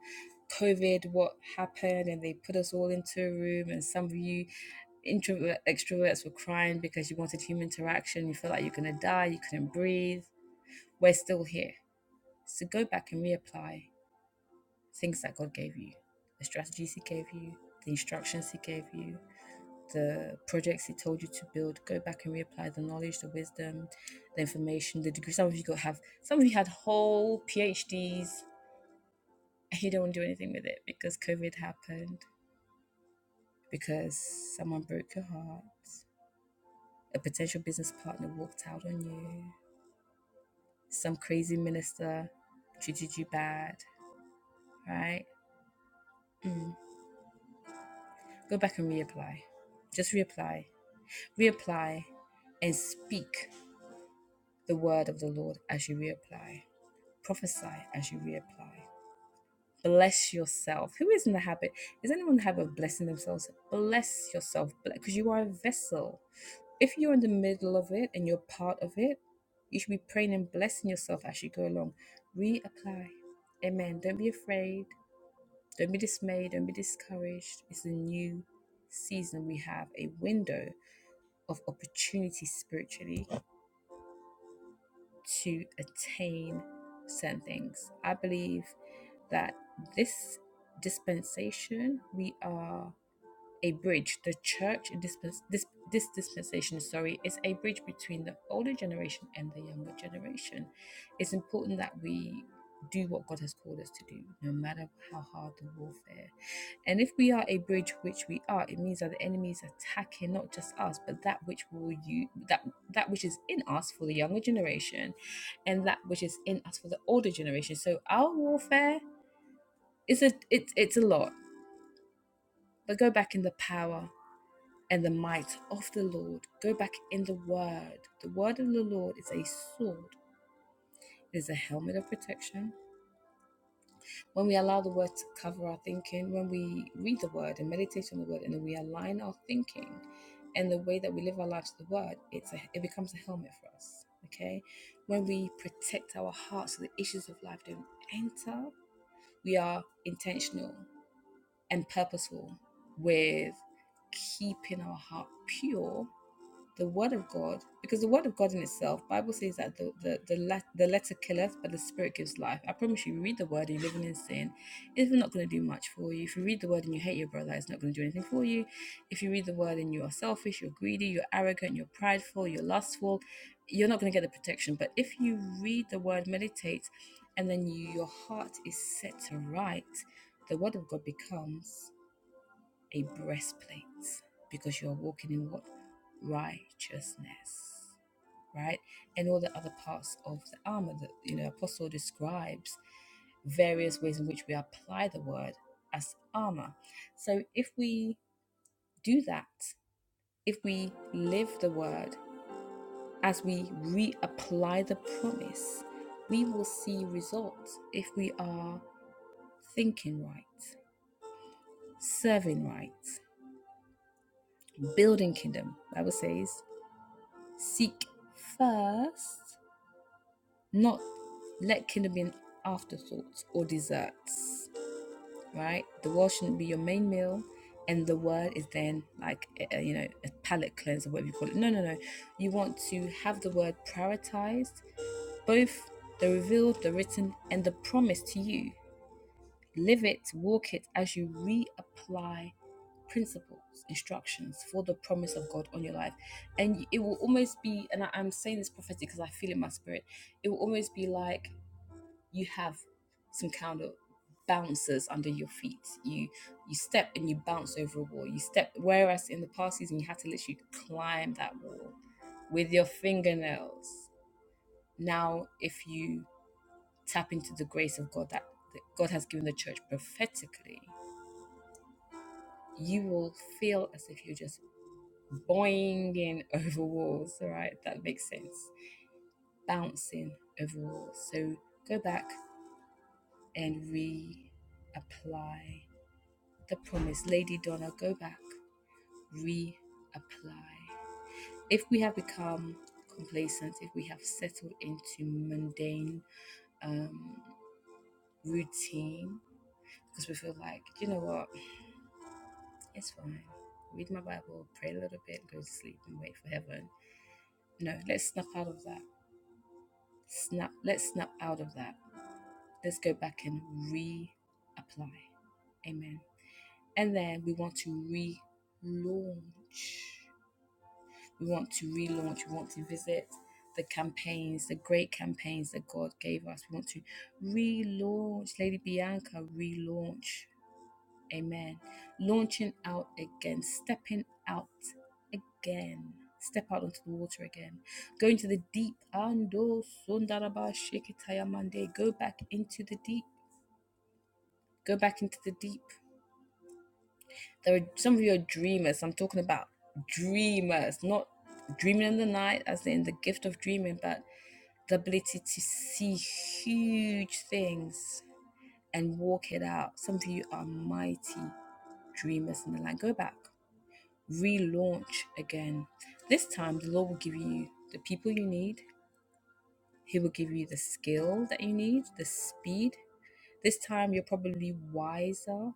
S1: COVID, what happened, and they put us all into a room, and some of you introvert extroverts were crying because you wanted human interaction, you felt like you're gonna die, you couldn't breathe. We're still here. So go back and reapply things that God gave you, the strategies He gave you, the instructions He gave you. The projects he told you to build, go back and reapply the knowledge, the wisdom, the information, the degree. Some of you got have, some of you had whole PhDs he don't do anything with it because COVID happened, because someone broke your heart, a potential business partner walked out on you, some crazy minister treated you bad, right? Mm. Go back and reapply. Just reapply. Reapply and speak the word of the Lord as you reapply. Prophesy as you reapply. Bless yourself. Who is in the habit? Is anyone in the habit of blessing themselves? Bless yourself because you are a vessel. If you're in the middle of it and you're part of it, you should be praying and blessing yourself as you go along. Reapply. Amen. Don't be afraid. Don't be dismayed. Don't be discouraged. It's a new season. We have a window of opportunity spiritually to attain certain things. I believe that this dispensation, we are a bridge. The church dispens- this this dispensation, sorry, is a bridge between the older generation and the younger generation. It's important that we do what God has called us to do, no matter how hard the warfare. And if we are a bridge, which we are, it means that the enemy is attacking not just us, but that which will you that that which is in us for the younger generation, and that which is in us for the older generation. So our warfare is a it's it's a lot. But go back in the power and the might of the Lord. Go back in the word. The word of the Lord is a sword. It is a helmet of protection. When we allow the word to cover our thinking, when we read the word and meditate on the word, and then we align our thinking and the way that we live our lives to the word, it's a, it becomes a helmet for us. Okay, when we protect our hearts so the issues of life don't enter, we are intentional and purposeful with keeping our heart pure the word of God, because the word of God in itself, Bible says that the the the, let, the letter killeth, but the spirit gives life. I promise you, you read the word and you're living in sin, it's not going to do much for you. If you read the word and you hate your brother, it's not going to do anything for you. If you read the word and you are selfish, you're greedy, you're arrogant, you're prideful, you're lustful, you're not going to get the protection. But if you read the word, meditate, and then you, your heart is set to right, the word of God becomes a breastplate because you're walking in what? Righteousness, right? And all the other parts of the armor that, you know, Apostle describes various ways in which we apply the word as armor. So if we do that, if we live the word, as we reapply the promise, we will see results if we are thinking right, serving right, building kingdom, the Bible says, Seek first, not let kidney be an afterthought or desserts, right? The world shouldn't be your main meal, and the word is then like, a, you know, a palate cleanser, whatever you call it. No, no, no. You want to have the word prioritized, both the revealed, the written, and the promise to you. Live it, walk it as you reapply principles, instructions for the promise of God on your life. And it will almost be, and I, I'm saying this prophetic because I feel in my spirit, it will almost be like you have some kind of bouncers under your feet. You you step and you bounce over a wall. You step whereas in the past season you had to literally climb that wall with your fingernails. Now if you tap into the grace of God that, that God has given the church prophetically, you will feel as if you're just boinging over walls. All right, that makes sense. Bouncing over walls. So go back and reapply the promise. Lady Donna, go back, reapply. If we have become complacent, if we have settled into mundane um, routine, because we feel like, you know what, it's fine. Read my Bible, pray a little bit, go to sleep, and wait for heaven. No, let's snap out of that snap let's snap out of that let's go back and reapply. Amen. And then we want to relaunch. We want to relaunch. We want to visit the campaigns, the great campaigns that God gave us. We want to relaunch. Lady Bianca, relaunch. Amen. Launching out again, stepping out again. Step out onto the water again. Go into the deep. Ando sundaraba shikitayamande. Go back into the deep. Go back into the deep. There are some of you are dreamers. I'm talking about dreamers, not dreaming in the night, as in the gift of dreaming, but the ability to see huge things and walk it out. Some of you are mighty dreamers in the land. Go back, relaunch again. This time, the Lord will give you the people you need, He will give you the skill that you need, the speed. This time, you're probably wiser.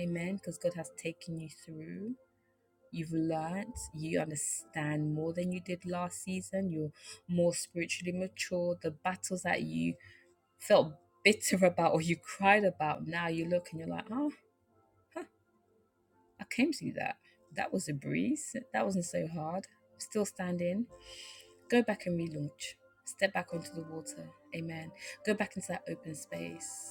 S1: Amen. Because God has taken you through. You've learned, you understand more than you did last season. You're more spiritually mature. The battles that you felt bitter about or you cried about, now you look and you're like, oh, I came through that. That was a breeze. That wasn't so hard. Still standing. Go back and relaunch. Step back onto the water. Amen. Go back into that open space.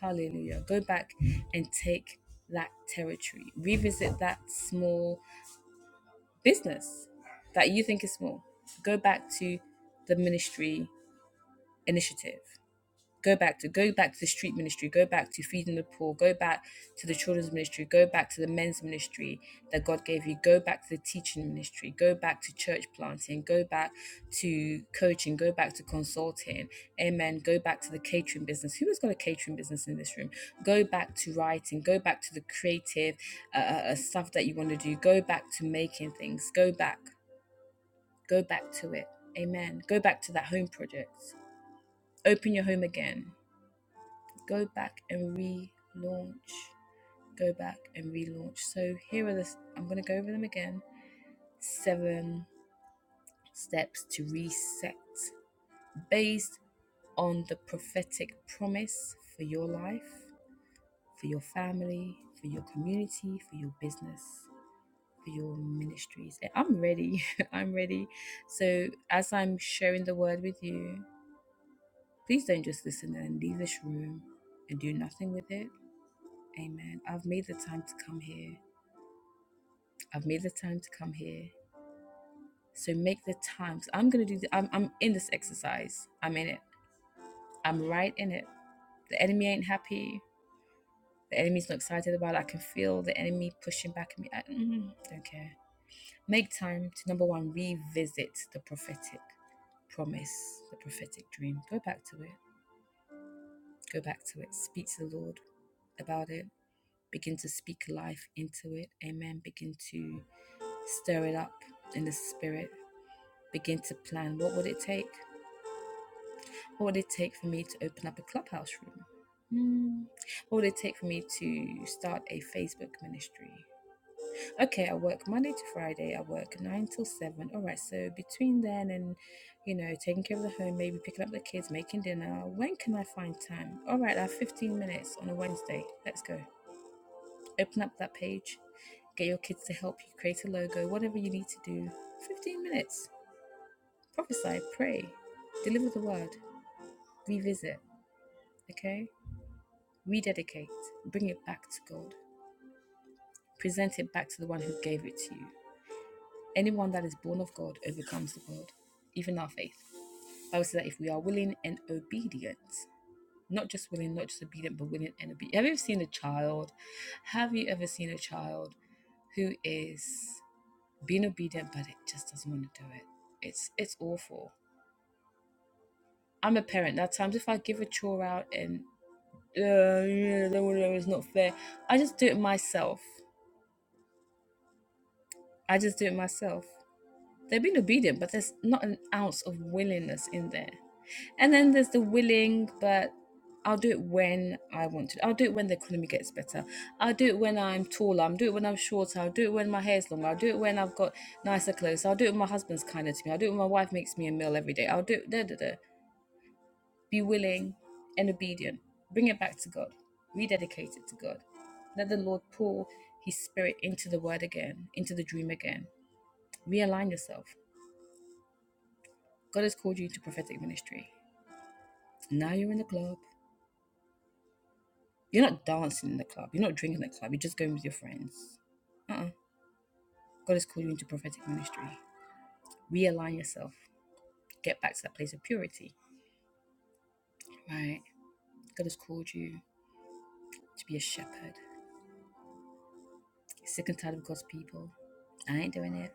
S1: Hallelujah. Go back and take that territory. Revisit that small business that you think is small go back to the ministry initiative go back to go back to the street ministry go back to feeding the poor go back to the children's ministry go back to the men's ministry that god gave you go back to the teaching ministry go back to church planting go back to coaching go back to consulting amen go back to the catering business who has got a catering business in this room go back to writing go back to the creative uh, uh, uh, stuff that you want to do go back to making things go back Go back to it. Amen. Go back to that home project. Open your home again. Go back and relaunch. Go back and relaunch. So here are the, I'm going to go over them again. Seven steps to reset based on the prophetic promise for your life, for your family, for your community, for your business, for your ministries. I'm ready. I'm ready. So, as I'm sharing the word with you, Please don't just listen and leave this room and do nothing with it. Amen. I've made the time to come here. I've made the time to come here. So make the time. So I'm gonna do. The, I'm I'm in this exercise. I'm in it. I'm right in it. The enemy ain't happy. The enemy's not excited about it. I can feel the enemy pushing back at me. I mm, don't care. Make time to number one revisit the prophetic promise, the prophetic dream. Go back to it. Go back to it. Speak to the Lord about it. Begin to speak life into it. Amen. Begin to stir it up in the spirit. Begin to plan. What would it take? What would it take for me to open up a clubhouse room? Hmm. What would it take for me to start a Facebook ministry? Okay, I work Monday to Friday. I work nine till seven. All right, so between then and you know taking care of the home, maybe picking up the kids, making dinner. When can I find time? All right, I have fifteen minutes on a Wednesday. Let's go. open up that page, get your kids to help you create a logo, whatever you need to do. 15 minutes. Prophesy, pray, deliver the word, revisit, okay? Rededicate, bring it back to God, present it back to the one who gave it to you. Anyone that is born of God overcomes the world, even our faith. I would say that if we are willing and obedient, not just willing, not just obedient, but willing and obedient. Have you ever seen a child? Have you ever seen a child who is being obedient, but it just doesn't want to do it. It's it's awful. I'm a parent. Now, times if I give a chore out and uh, yeah, it's not fair, I just do it myself. I just do it myself. They've been obedient, but there's not an ounce of willingness in there. And then there's the willing, but I'll do it when I want to. I'll do it when the economy gets better. I'll do it when I'm taller. I'll do it when I'm shorter. I'll do it when my hair's longer. I'll do it when I've got nicer clothes. I'll do it when my husband's kinder to me. I'll do it when my wife makes me a meal every day. I'll do it. Da, da, da. Be willing and obedient. Bring it back to God. Rededicate it to God. Let the Lord pour His Spirit into the word again, into the dream again. Realign yourself. God has called you to prophetic ministry. Now you're in the club. You're not dancing in the club. You're not drinking in the club. You're just going with your friends. Uh-uh. God has called you into prophetic ministry. Realign yourself. Get back to that place of purity. Right? God has called you to be a shepherd. You're sick and tired of God's people. I ain't doing it.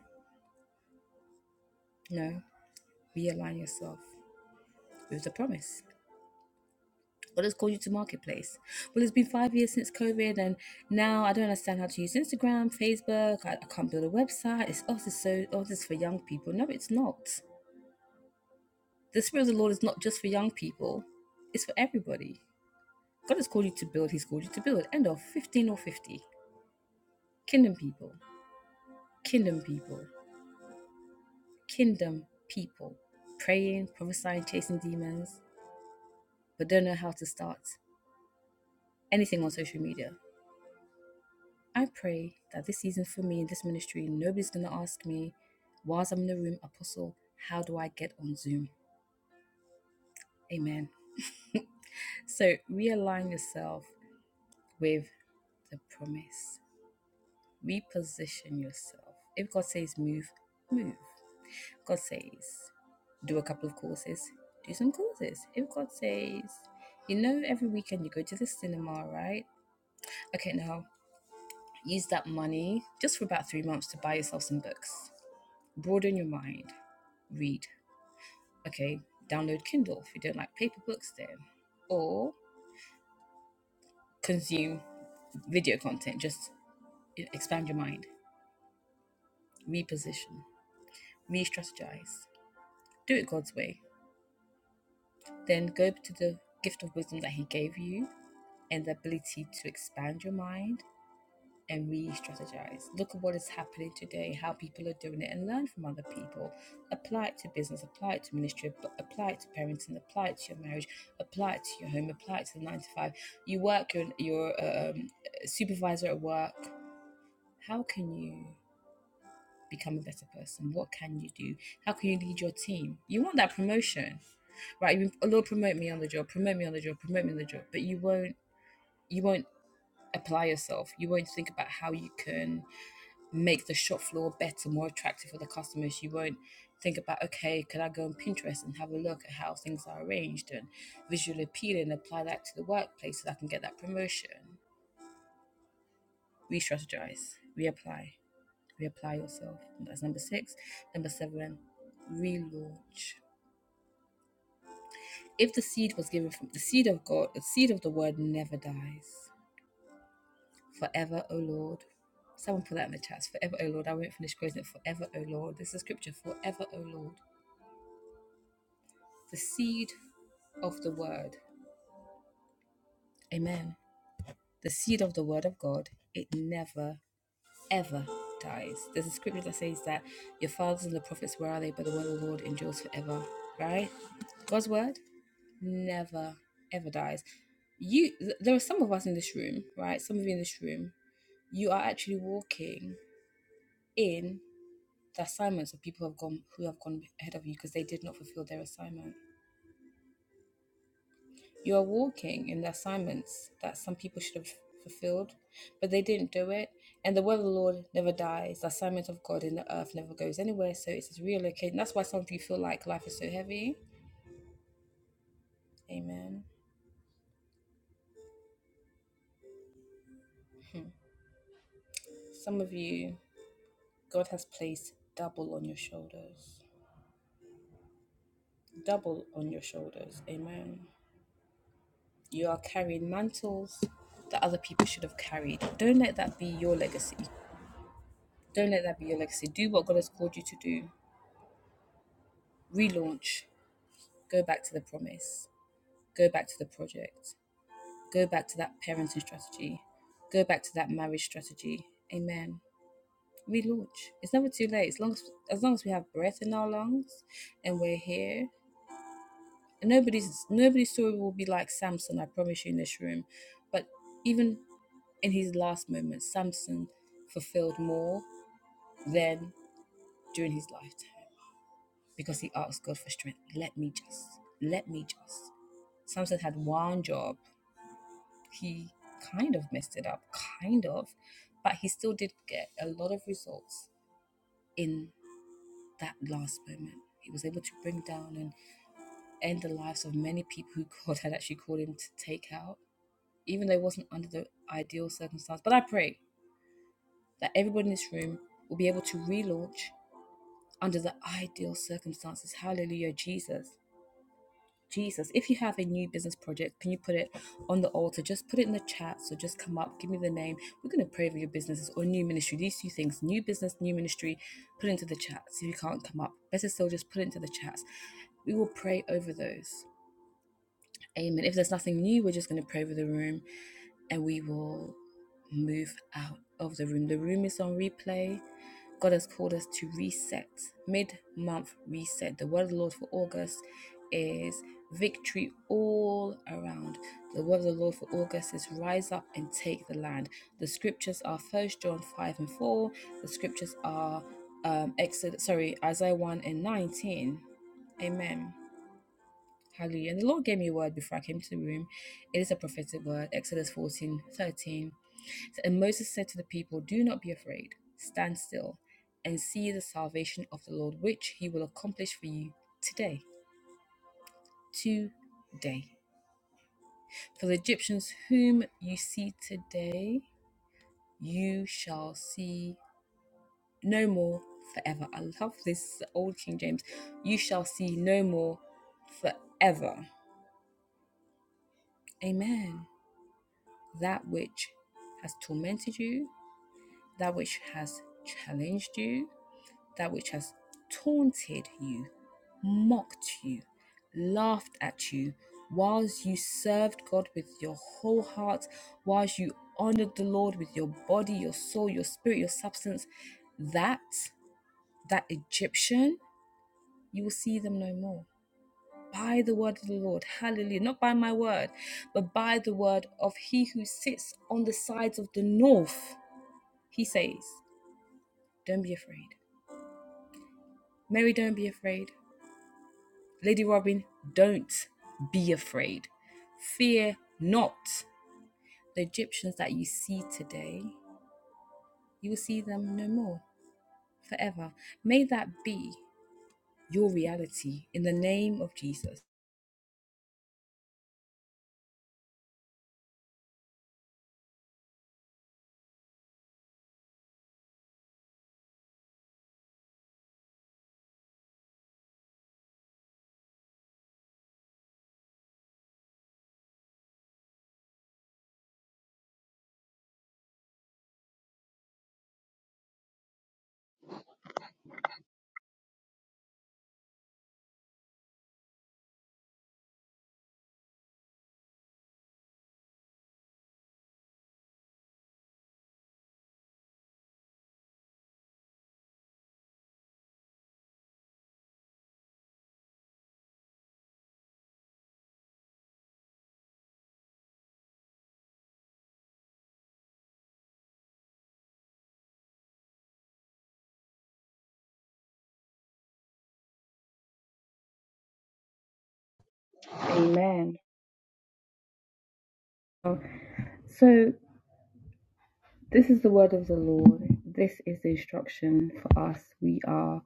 S1: No. Realign yourself with the promise. or just call you to marketplace. Well, it's been five years since COVID, and now I don't understand how to use Instagram, Facebook. I, I can't build a website. It's oh, this is so oh, this is for young people. No, it's not. The spirit of the Lord is not just for young people; it's for everybody. God has called you to build. He's called you to build. End of fifteen or fifty. Kingdom people, kingdom people, kingdom people. Praying, prophesying, chasing demons, but don't know how to start anything on social media. I pray that this season for me in this ministry, nobody's going to ask me, whilst I'm in the room, Apostle, how do I get on Zoom? Amen. So realign yourself with the promise, reposition yourself. If God says move, move. If God says do a couple of courses, do some courses. If God says, you know, every weekend you go to the cinema, right? Okay, now use that money just for about three months to buy yourself some books Broaden your mind. Read. Okay, download Kindle if you don't like paper books, then. Or consume video content. Just e- expand your mind. Reposition. Re strategize. Do it God's way. Then go to the gift of wisdom that He gave you and the ability to expand your mind and re-strategize. Look at what is happening today, how people are doing it, and learn from other people. Apply it to business, apply it to ministry, ap- apply it to parenting, apply it to your marriage, apply it to your home, apply it to the nine to five. You work, your your um, supervisor at work. How can you become a better person? What can you do? How can you lead your team? You want that promotion, right? You, oh, Lord, promote me on the job, promote me on the job, promote me on the job, but you won't you won't apply yourself. You won't think about how you can make the shop floor better, more attractive for the customers. You won't think about, okay, could I go on Pinterest and have a look at how things are arranged and visually appealing and apply that to the workplace so that I can get that promotion? Re strategize, reapply, reapply yourself. And That's number six. Number seven, relaunch. If the seed was given from the seed of God, the seed of the word never dies. Forever, O Lord. Someone put that in the chats. Forever, O Lord. I won't finish quoting it. Forever, O Lord. This is scripture. Forever, O Lord. the seed of the word. Amen. The seed of the word of God, it never, ever dies. There's a scripture that says that your fathers and the prophets, where are they? But the word of the Lord endures forever, right? God's word never, ever dies. You, there are some of us in this room, right? Some of you in this room, you are actually walking in the assignments of people who have gone who have gone ahead of you because they did not fulfill their assignment. You are walking in the assignments that some people should have fulfilled, but they didn't do it. And the word of the Lord never dies. The assignment of God in the earth never goes anywhere. So it's just relocating. That's why some of you feel like life is so heavy. Amen. Some of you, God has placed double on your shoulders. Double on your shoulders. Amen. You are carrying mantles that other people should have carried. Don't let that be your legacy. Don't let that be your legacy. Do what God has called you to do. Relaunch. Go back to the promise. Go back to the project. Go back to that parenting strategy. Go back to that marriage strategy. Amen. Relaunch. It's never too late. As long as, as long as we have breath in our lungs and we're here. And nobody's nobody's story will be like Samson, I promise you in this room. But even in his last moments, Samson fulfilled more than during his lifetime because he asked God for strength. Let me just, let me just. Samson had one job. he kind of messed it up, kind of, but he still did get a lot of results in that last moment. He was able to bring down and end the lives of many people who God had actually called him to take out, even though it wasn't under the ideal circumstance. But I pray that everybody in this room will be able to relaunch under the ideal circumstances. Hallelujah, Jesus. Jesus, if you have a new business project, can you put it on the altar? Just put it in the chat. So just come up, give me the name. We're going to pray for your businesses or new ministry. These two things new business, new ministry, put it into the chats. If you can't come up, better still, just put it into the chats. We will pray over those. Amen. If there's nothing new, we're just going to pray over the room and we will move out of the room. The room is on replay God has called us to reset, mid month reset. The word of the Lord for August is victory all around. The word of the Lord for August is rise up and take the land. The scriptures are First John 5 and 4. The scriptures are um, Exodus, sorry, Isaiah 1 and 19. Amen. Hallelujah. And the Lord gave me a word before I came to the room. It is a prophetic word, Exodus 14 13. And Moses said to the people, Do not be afraid, stand still, and see the salvation of the Lord, which he will accomplish for you today. Today. For the Egyptians whom you see today, you shall see no more forever. I love this old King James. You shall see no more forever. Amen. That which has tormented you, that which has challenged you, that which has taunted you, mocked you, laughed at you, whilst you served God with your whole heart, whilst you honored the Lord with your body, your soul, your spirit, your substance, that, that Egyptian, you will see them no more. By the word of the Lord, hallelujah, not by my word, but by the word of he who sits on the sides of the north. He says, Don't be afraid. Mary, don't be afraid. Lady Robin, don't be afraid. Fear not. The Egyptians that you see today, you will see them no more forever. May that be your reality in the name of Jesus.
S2: Amen. Well, So, this is the word of the Lord. This is the instruction for us. We are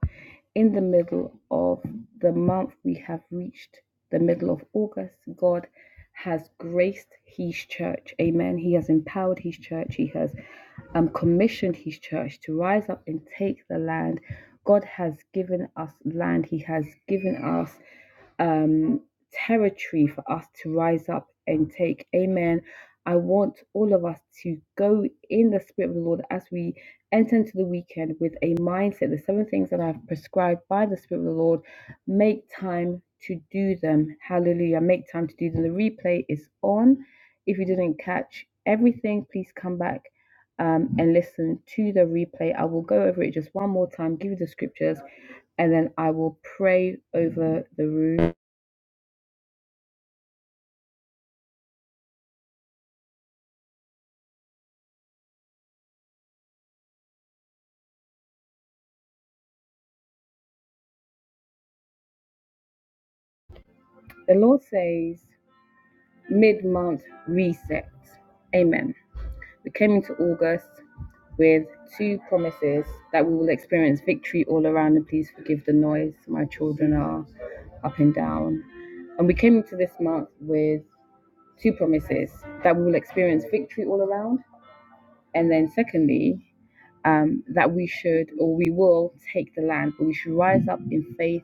S2: in the middle of the month. We have reached the middle of August. God has graced His church. Amen. He has empowered His church. He has um, commissioned His church to rise up and take the land. God has given us land. He has given us um, territory for us to rise up and take. Amen. I want all of us to go in the Spirit of the Lord as we enter into the weekend with a mindset. The seven things that I've prescribed by the Spirit of the Lord, make time to do them. Hallelujah. Make time to do them. The replay is on. If you didn't catch everything, please come back um, and listen to the replay. I will go over it just one more time, give you the scriptures, and then I will pray over the room. The Lord says, mid month reset. Amen. We came into August with two promises that we will experience victory all around, and please forgive the noise. My children are up and down. And we came into this month with two promises that we will experience victory all around, and then secondly, um, that we should or we will take the land, but we should rise up in faith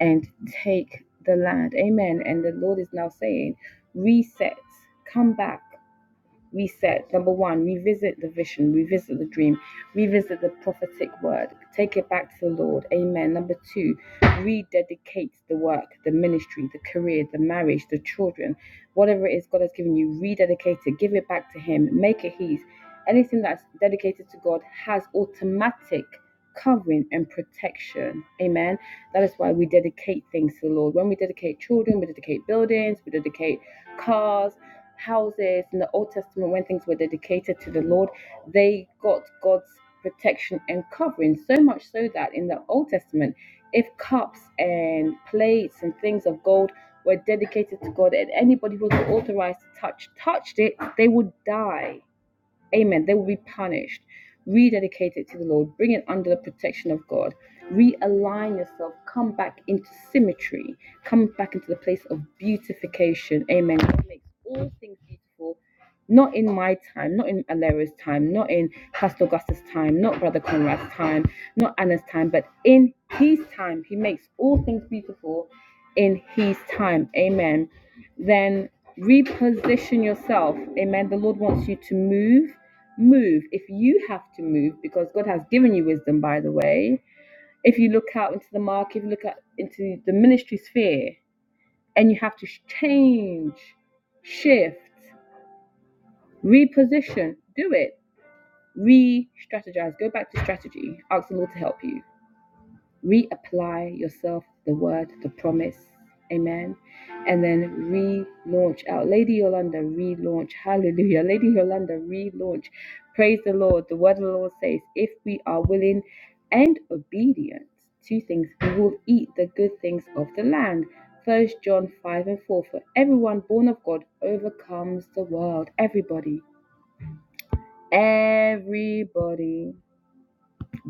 S2: and take the land. Amen. And the Lord is now saying, reset, come back reset. Number one, revisit the vision, revisit the dream, revisit the prophetic word, take it back to the Lord. Amen. Number two, rededicate the work, the ministry, the career, the marriage, the children, whatever it is God has given you, rededicate it, give it back to Him, make it His. Anything that's dedicated to God has automatic covering and protection. Amen. That is why we dedicate things to the Lord. When we dedicate children, we dedicate buildings, we dedicate cars, houses. In the Old Testament, when things were dedicated to the Lord, they got God's protection and covering. So much so that in the Old Testament, if cups and plates and things of gold were dedicated to God and anybody who was authorized to touch touched it, they would die. Amen. They will be punished. Rededicate it to the Lord. Bring it under the protection of God. Realign yourself. Come back into symmetry. Come back into the place of beautification. Amen. God makes all things beautiful. Not in my time, not in Alera's time, not in Pastor Augustus' time, not Brother Conrad's time, not Anna's time, but in his time, he makes all things beautiful in his time. Amen. Then reposition yourself. Amen. The Lord wants you to move. Move. If you have to move, because God has given you wisdom, by the way. If you look out into the market, if you look out into the ministry sphere, and you have to change, shift, reposition, do it. Re strategize. Go back to strategy. Ask the Lord to help you reapply yourself the word, the promise. Amen. And then relaunch out. Lady Yolanda, relaunch. Hallelujah. Lady Yolanda, relaunch. Praise the Lord. The word of the Lord says, if we are willing and obedient to things, we will eat the good things of the land. First John 5 and 4. For everyone born of God overcomes the world. Everybody. Everybody.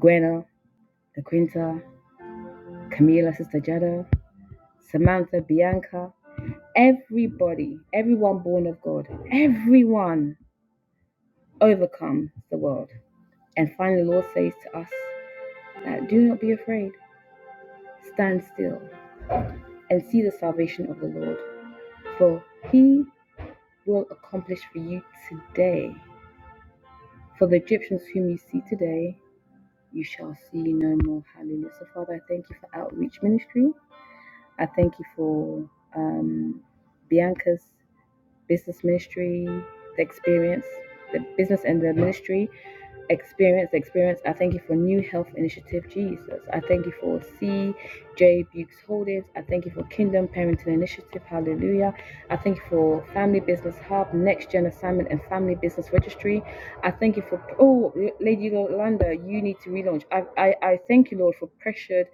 S2: Gwena, the Quinta, Camila, Sister Jada. Samantha, Bianca, everybody, everyone born of God, everyone overcomes the world. And finally, the Lord says to us that do not be afraid, stand still and see the salvation of the Lord, for he will accomplish for you today. For the Egyptians whom you see today, you shall see no more. Hallelujah. So, Father, I thank you for outreach ministry. I thank you for um, Bianca's business ministry, the experience, the business and the ministry experience, the experience. I thank you for New Health Initiative, Jesus. I thank you for CJ Bukes Holdings. I thank you for Kingdom Parenting Initiative, hallelujah. I thank you for Family Business Hub, Next Gen Assignment, and Family Business Registry. I thank you for, oh, Lady Yolanda, you need to relaunch. I, I, I thank you, Lord, for Pressured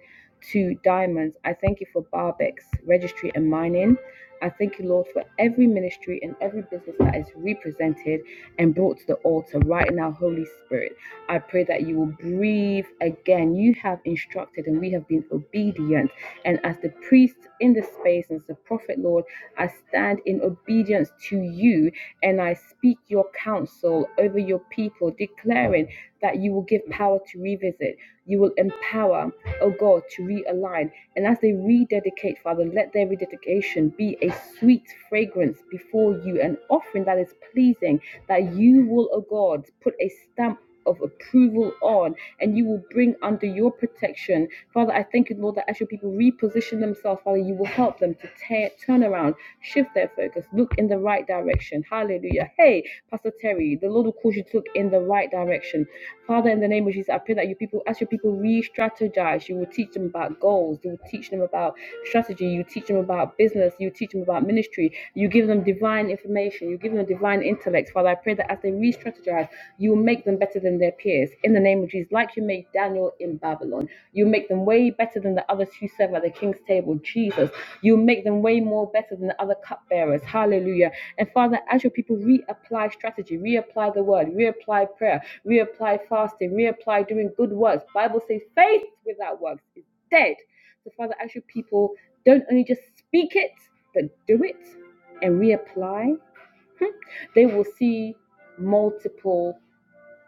S2: to Diamonds. I thank you for Barbex Registry and Mining. I thank you, Lord, for every ministry and every business that is represented and brought to the altar right now, Holy Spirit. I pray that you will breathe again. You have instructed and we have been obedient. And as the priest in the space, and as the prophet, Lord, I stand in obedience to you and I speak your counsel over your people, declaring that you will give power to revisit, you will empower, oh God, to realign. And as they rededicate, Father, let their rededication be a sweet fragrance before you, an offering that is pleasing, that you will, O God, put a stamp of approval on and you will bring under your protection. Father, I thank you, Lord, that as your people reposition themselves, Father, you will help them to tear, turn around, shift their focus, look in the right direction. Hallelujah. Hey, Pastor Terry, the Lord will cause you to look in the right direction. Father, in the name of Jesus, I pray that your people, as your people re-strategize, you will teach them about goals, you will teach them about strategy, you teach them about business, you teach them about ministry, you give them divine information, you give them divine intellect. Father, I pray that as they re-strategize, you will make them better than their peers. In the name of Jesus, like you made Daniel in Babylon. You make them way better than the others who serve at the king's table, Jesus. You make them way more better than the other cupbearers. Hallelujah. And Father, as your people reapply strategy, reapply the word, reapply prayer, reapply fasting, reapply doing good works. Bible says faith without works is dead. So Father, as your people don't only just speak it, but do it and reapply, hmm, they will see multiple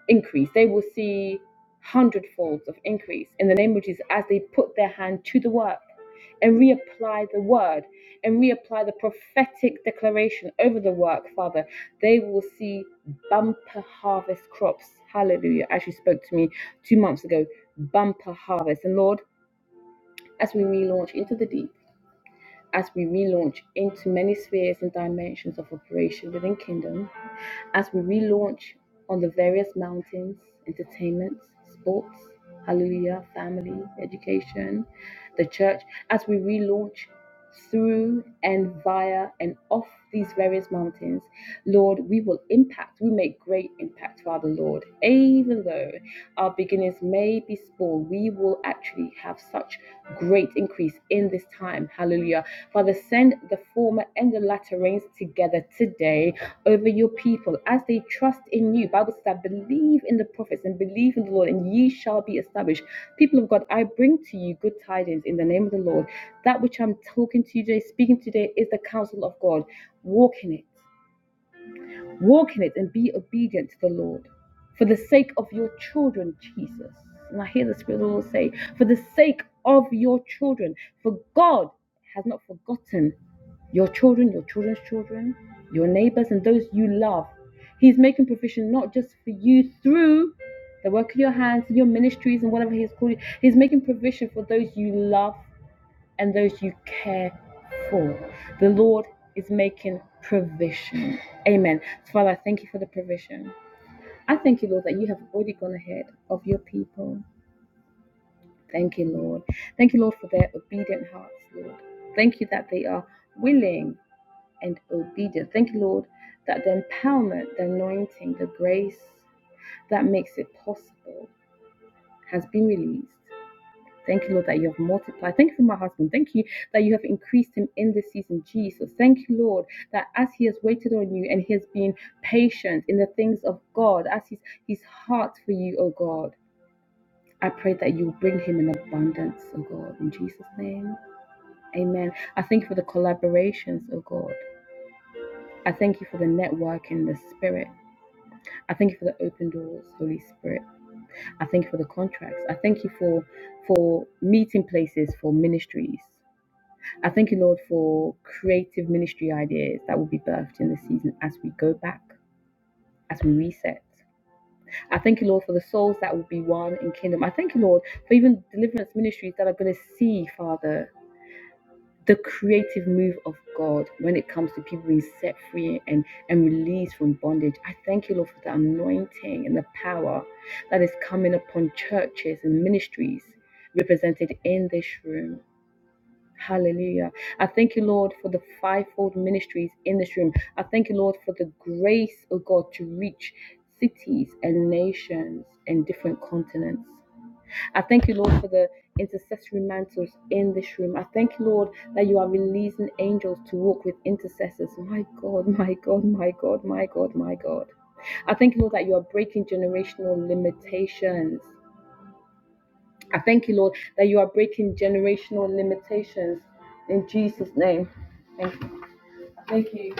S2: increase. They will see hundredfolds of increase in the name of Jesus as they put their hand to the work and reapply the word and reapply the prophetic declaration over the work, Father. They will see bumper harvest crops. Hallelujah. As you spoke to me two months ago, bumper harvest. And Lord, as we relaunch into the deep, as we relaunch into many spheres and dimensions of operation within Kingdom, as we relaunch on the various mountains, entertainment, sports, hallelujah, family, education, the church, as we relaunch through and via and off these various mountains, Lord, we will impact, we make great impact, Father Lord. Even though our beginnings may be small, we will actually have such great increase in this time. Hallelujah. Father, send the former and the latter rains together today over your people as they trust in you. Bible says that believe in the prophets and believe in the Lord, and ye shall be established. People of God, I bring to you good tidings in the name of the Lord. That which I'm talking to you today, speaking today, is the counsel of God. Walk in it. Walk in it and be obedient to the Lord for the sake of your children, Jesus. And I hear the Spirit of the Lord say, for the sake of your children, for God has not forgotten your children, your children's children, your neighbors, and those you love. He's making provision not just for you through the work of your hands, your ministries, and whatever He's called you. He's making provision for those you love and those you care for. The Lord is making provision. Amen. Father, I thank you for the provision. I thank you, Lord, that you have already gone ahead of your people. Thank you, Lord. Thank you, Lord, for their obedient hearts, Lord. Thank you that they are willing and obedient. Thank you, Lord, that the empowerment, the anointing, the grace that makes it possible has been released Thank you, Lord, that you have multiplied. Thank you for my husband. Thank you that you have increased him in this season, Jesus. Thank you, Lord, that as he has waited on you and he has been patient in the things of God, as his, his heart for you, oh God, I pray that you bring him in abundance, oh God, in Jesus' name. Amen. I thank you for the collaborations, oh God. I thank you for the network in the spirit. I thank you for the open doors, Holy Spirit. I thank you for the contracts. I thank you for for meeting places for ministries. I thank you, Lord, for creative ministry ideas that will be birthed in this season as we go back, as we reset. I thank you, Lord, for the souls that will be one in kingdom. I thank you, Lord, for even deliverance ministries that are going to see, Father, the creative move of God when it comes to people being set free and, and released from bondage. I thank you, Lord, for the anointing and the power that is coming upon churches and ministries represented in this room. Hallelujah. I thank you, Lord, for the fivefold ministries in this room. I thank you, Lord, for the grace, of God, to reach cities and nations and different continents. I thank you, Lord, for the intercessory mantles in this room. I thank you, Lord, that you are releasing angels to walk with intercessors. My God, my God, my God, my God, my God. I thank you, Lord, that you are breaking generational limitations. I thank you, Lord, that you are breaking generational limitations in Jesus' name. Thank you. I thank you.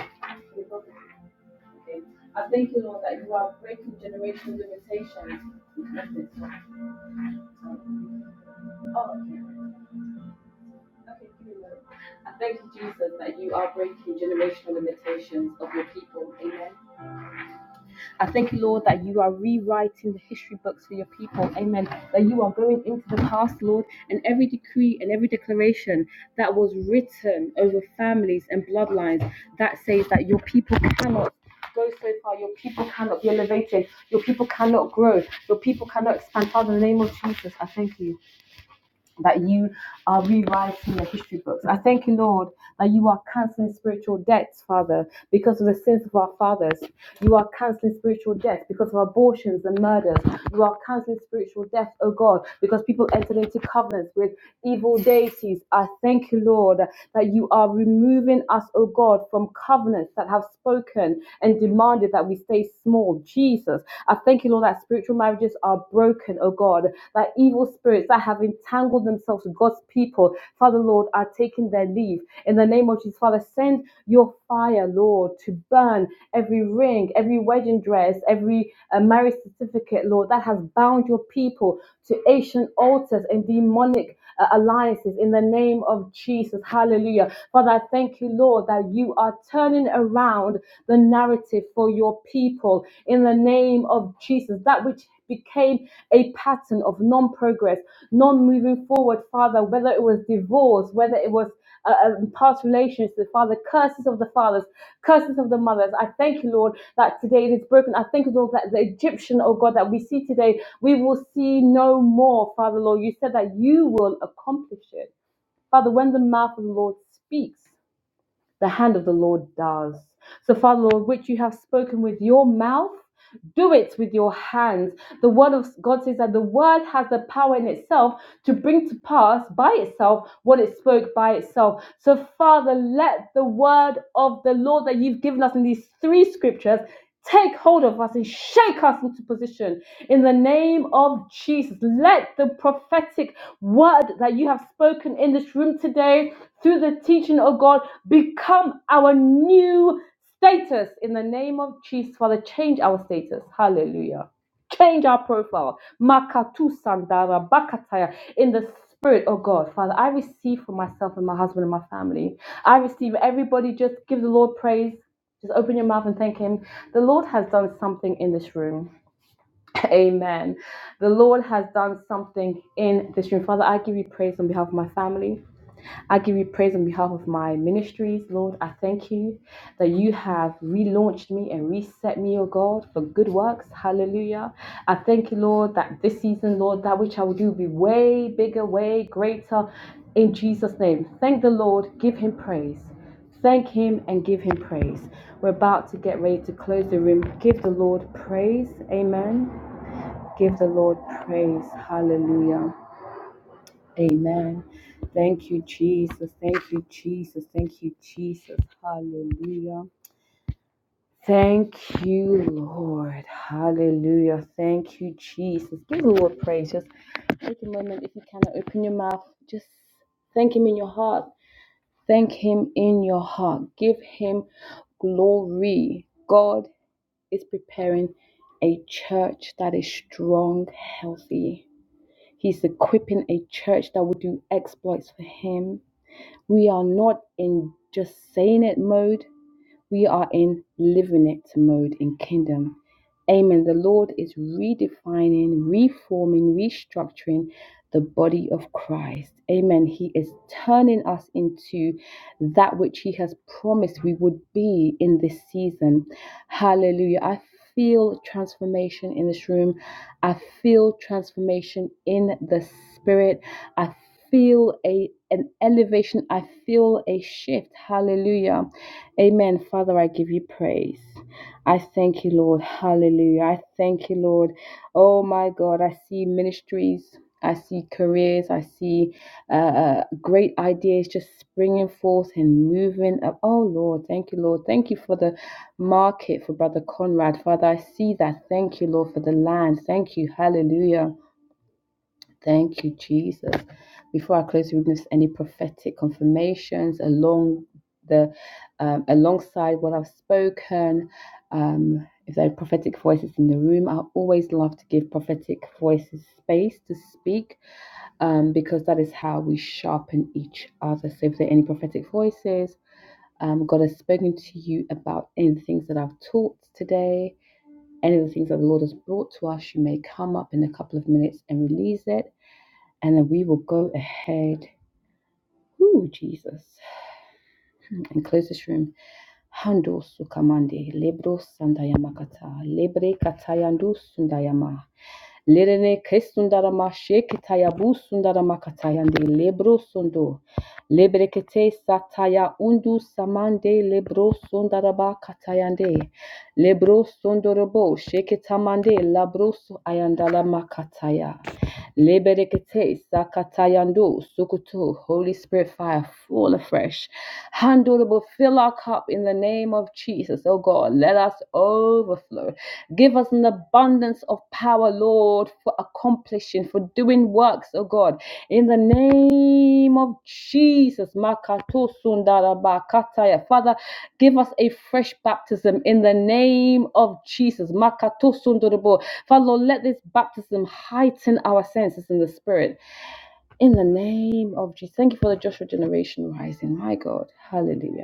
S2: I thank you, Lord, that you are breaking generational limitations. Oh, okay. Okay, give me a moment. I thank you, Jesus, that you are breaking generational limitations of your people. Amen. I thank you, Lord, that you are rewriting the history books for your people. Amen. That you are going into the past, Lord, and every decree and every declaration that was written over families and bloodlines that says that your people cannot go so far. Your people cannot be elevated. Your people cannot grow. Your people cannot expand. Father, in the name of Jesus, I thank you that you are rewriting the history books. I thank you, Lord, that you are canceling spiritual debts, Father, because of the sins of our fathers. You are canceling spiritual debts because of abortions and murders. You are canceling spiritual death, oh God, because people entered into covenants with evil deities. I thank you, Lord, that you are removing us, oh God, from covenants that have spoken and demanded that we stay small. Jesus, I thank you, Lord, that spiritual marriages are broken, oh God, that evil spirits that have entangled themselves with God's people, Father Lord, are taking their leave. In the name of Jesus, Father, send your fire, Lord, to burn every ring, every wedding dress, every uh, marriage certificate, Lord, that has bound your people to ancient altars and demonic uh, alliances in the name of Jesus. Hallelujah. Father, I thank you, Lord, that you are turning around the narrative for your people in the name of Jesus. That which became a pattern of non progress, non moving forward, Father, whether it was divorce, whether it was uh, um, past relations, the Father, curses of the fathers, curses of the mothers. I thank you, Lord, that today it is broken. I thank you, Lord, that the Egyptian, oh God, that we see today, we will see no more, Father, Lord. You said that you will accomplish it. Father, when the mouth of the Lord speaks, the hand of the Lord does. So, Father, Lord, which you have spoken with your mouth, do it with your hands. The word of God says that the word has the power in itself to bring to pass by itself what it spoke by itself. So, Father, let the word of the Lord that you've given us in these three scriptures take hold of us and shake us into position in the name of Jesus. Let the prophetic word that you have spoken in this room today through the teaching of God become our new status in the name of Jesus. Father, change our status. Hallelujah. Change our profile. Makatu sandara bakataya in the spirit, oh God. Father, I receive for myself and my husband and my family. I receive everybody. Just give the Lord praise. Just open your mouth and thank Him. The Lord has done something in this room. Amen. The Lord has done something in this room. Father, I give you praise on behalf of my family. I give you praise on behalf of my ministries, Lord. I thank you that you have relaunched me and reset me, O God, for good works. Hallelujah. I thank you, Lord, that this season, Lord, that which I will do will be way bigger, way greater in Jesus' name. Thank the Lord. Give him praise. Thank him and give him praise. We're about to get ready to close the room. Give the Lord praise. Amen. Give the Lord praise. Hallelujah. Amen. Thank you, Jesus. Thank you, Jesus. Thank you, Jesus. Hallelujah. Thank you, Lord. Hallelujah. Thank you, Jesus. Give the Lord praise. Just take a moment if you cannot open your mouth. Just thank Him in your heart. Thank Him in your heart. Give Him glory. God is preparing a church that is strong, healthy. He's equipping a church that will do exploits for Him. We are not in just saying it mode, we are in living it mode in kingdom. Amen. The Lord is redefining, reforming, restructuring, the body of Christ. Amen. He is turning us into that which He has promised we would be in this season. Hallelujah. I feel transformation in this room. I feel transformation in the spirit. I feel a an elevation. I feel a shift. Hallelujah. Amen. Father, I give you praise. I thank you, Lord. Hallelujah. I thank you, Lord. Oh my God, I see ministries. I see careers. I see uh, uh, great ideas just springing forth and moving up. Oh Lord, thank you, Lord. Thank you for the market for Brother Conrad. Father, I see that. Thank you, Lord, for the land. Thank you. Hallelujah. Thank you, Jesus. Before I close, we miss any prophetic confirmations along the um, alongside what I've spoken. Um, if there are prophetic voices in the room, I always love to give prophetic voices space to speak um, because that is how we sharpen each other. So, if there are any prophetic voices, um, God has spoken to you about any of the things that I've taught today, any of the things that the Lord has brought to us, you may come up in a couple of minutes and release it and then we will go ahead, ooh, Jesus, and close this room. Hando sukamande, lebro sandayamakata, lebre katayandu sundayama, lerene kesundarama shekitayabu sundarama katayande, lebro sundo, lebre kete sataya undu samande, lebro sundaraba katayande, lebro sundorobo shekitamande, labro su ayandala makataya. Leberekete Sakatayandu Sukutu Holy Spirit fire full afresh. Handleable fill our cup in the name of Jesus. Oh God, let us overflow. Give us an abundance of power, Lord, for accomplishing, for doing works, oh God. In the name of Jesus. Makato Sundarabakataya. Father, give us a fresh baptism in the name of Jesus. Makato Sundorobo. Father Lord, let this baptism heighten our senses in the spirit. In the name of Jesus. Thank you for the Joshua generation rising. My God. Hallelujah.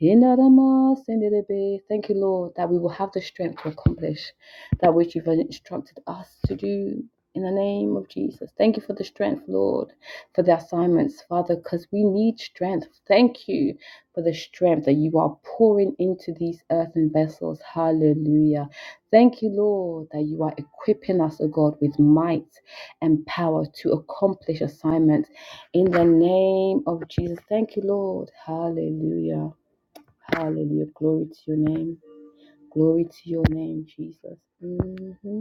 S2: Hinarama senderebe. Thank you, Lord, that we will have the strength to accomplish that which you've instructed us to do in the name of Jesus. Thank you for the strength, Lord, for the assignments, Father, because we need strength. Thank you for the strength that you are pouring into these earthen vessels. Hallelujah. Thank you, Lord, that you are equipping us, O God, with might and power to accomplish assignments in the name of Jesus. Thank you, Lord. Hallelujah. Hallelujah. Glory to your name. Glory to your name, Jesus. hmm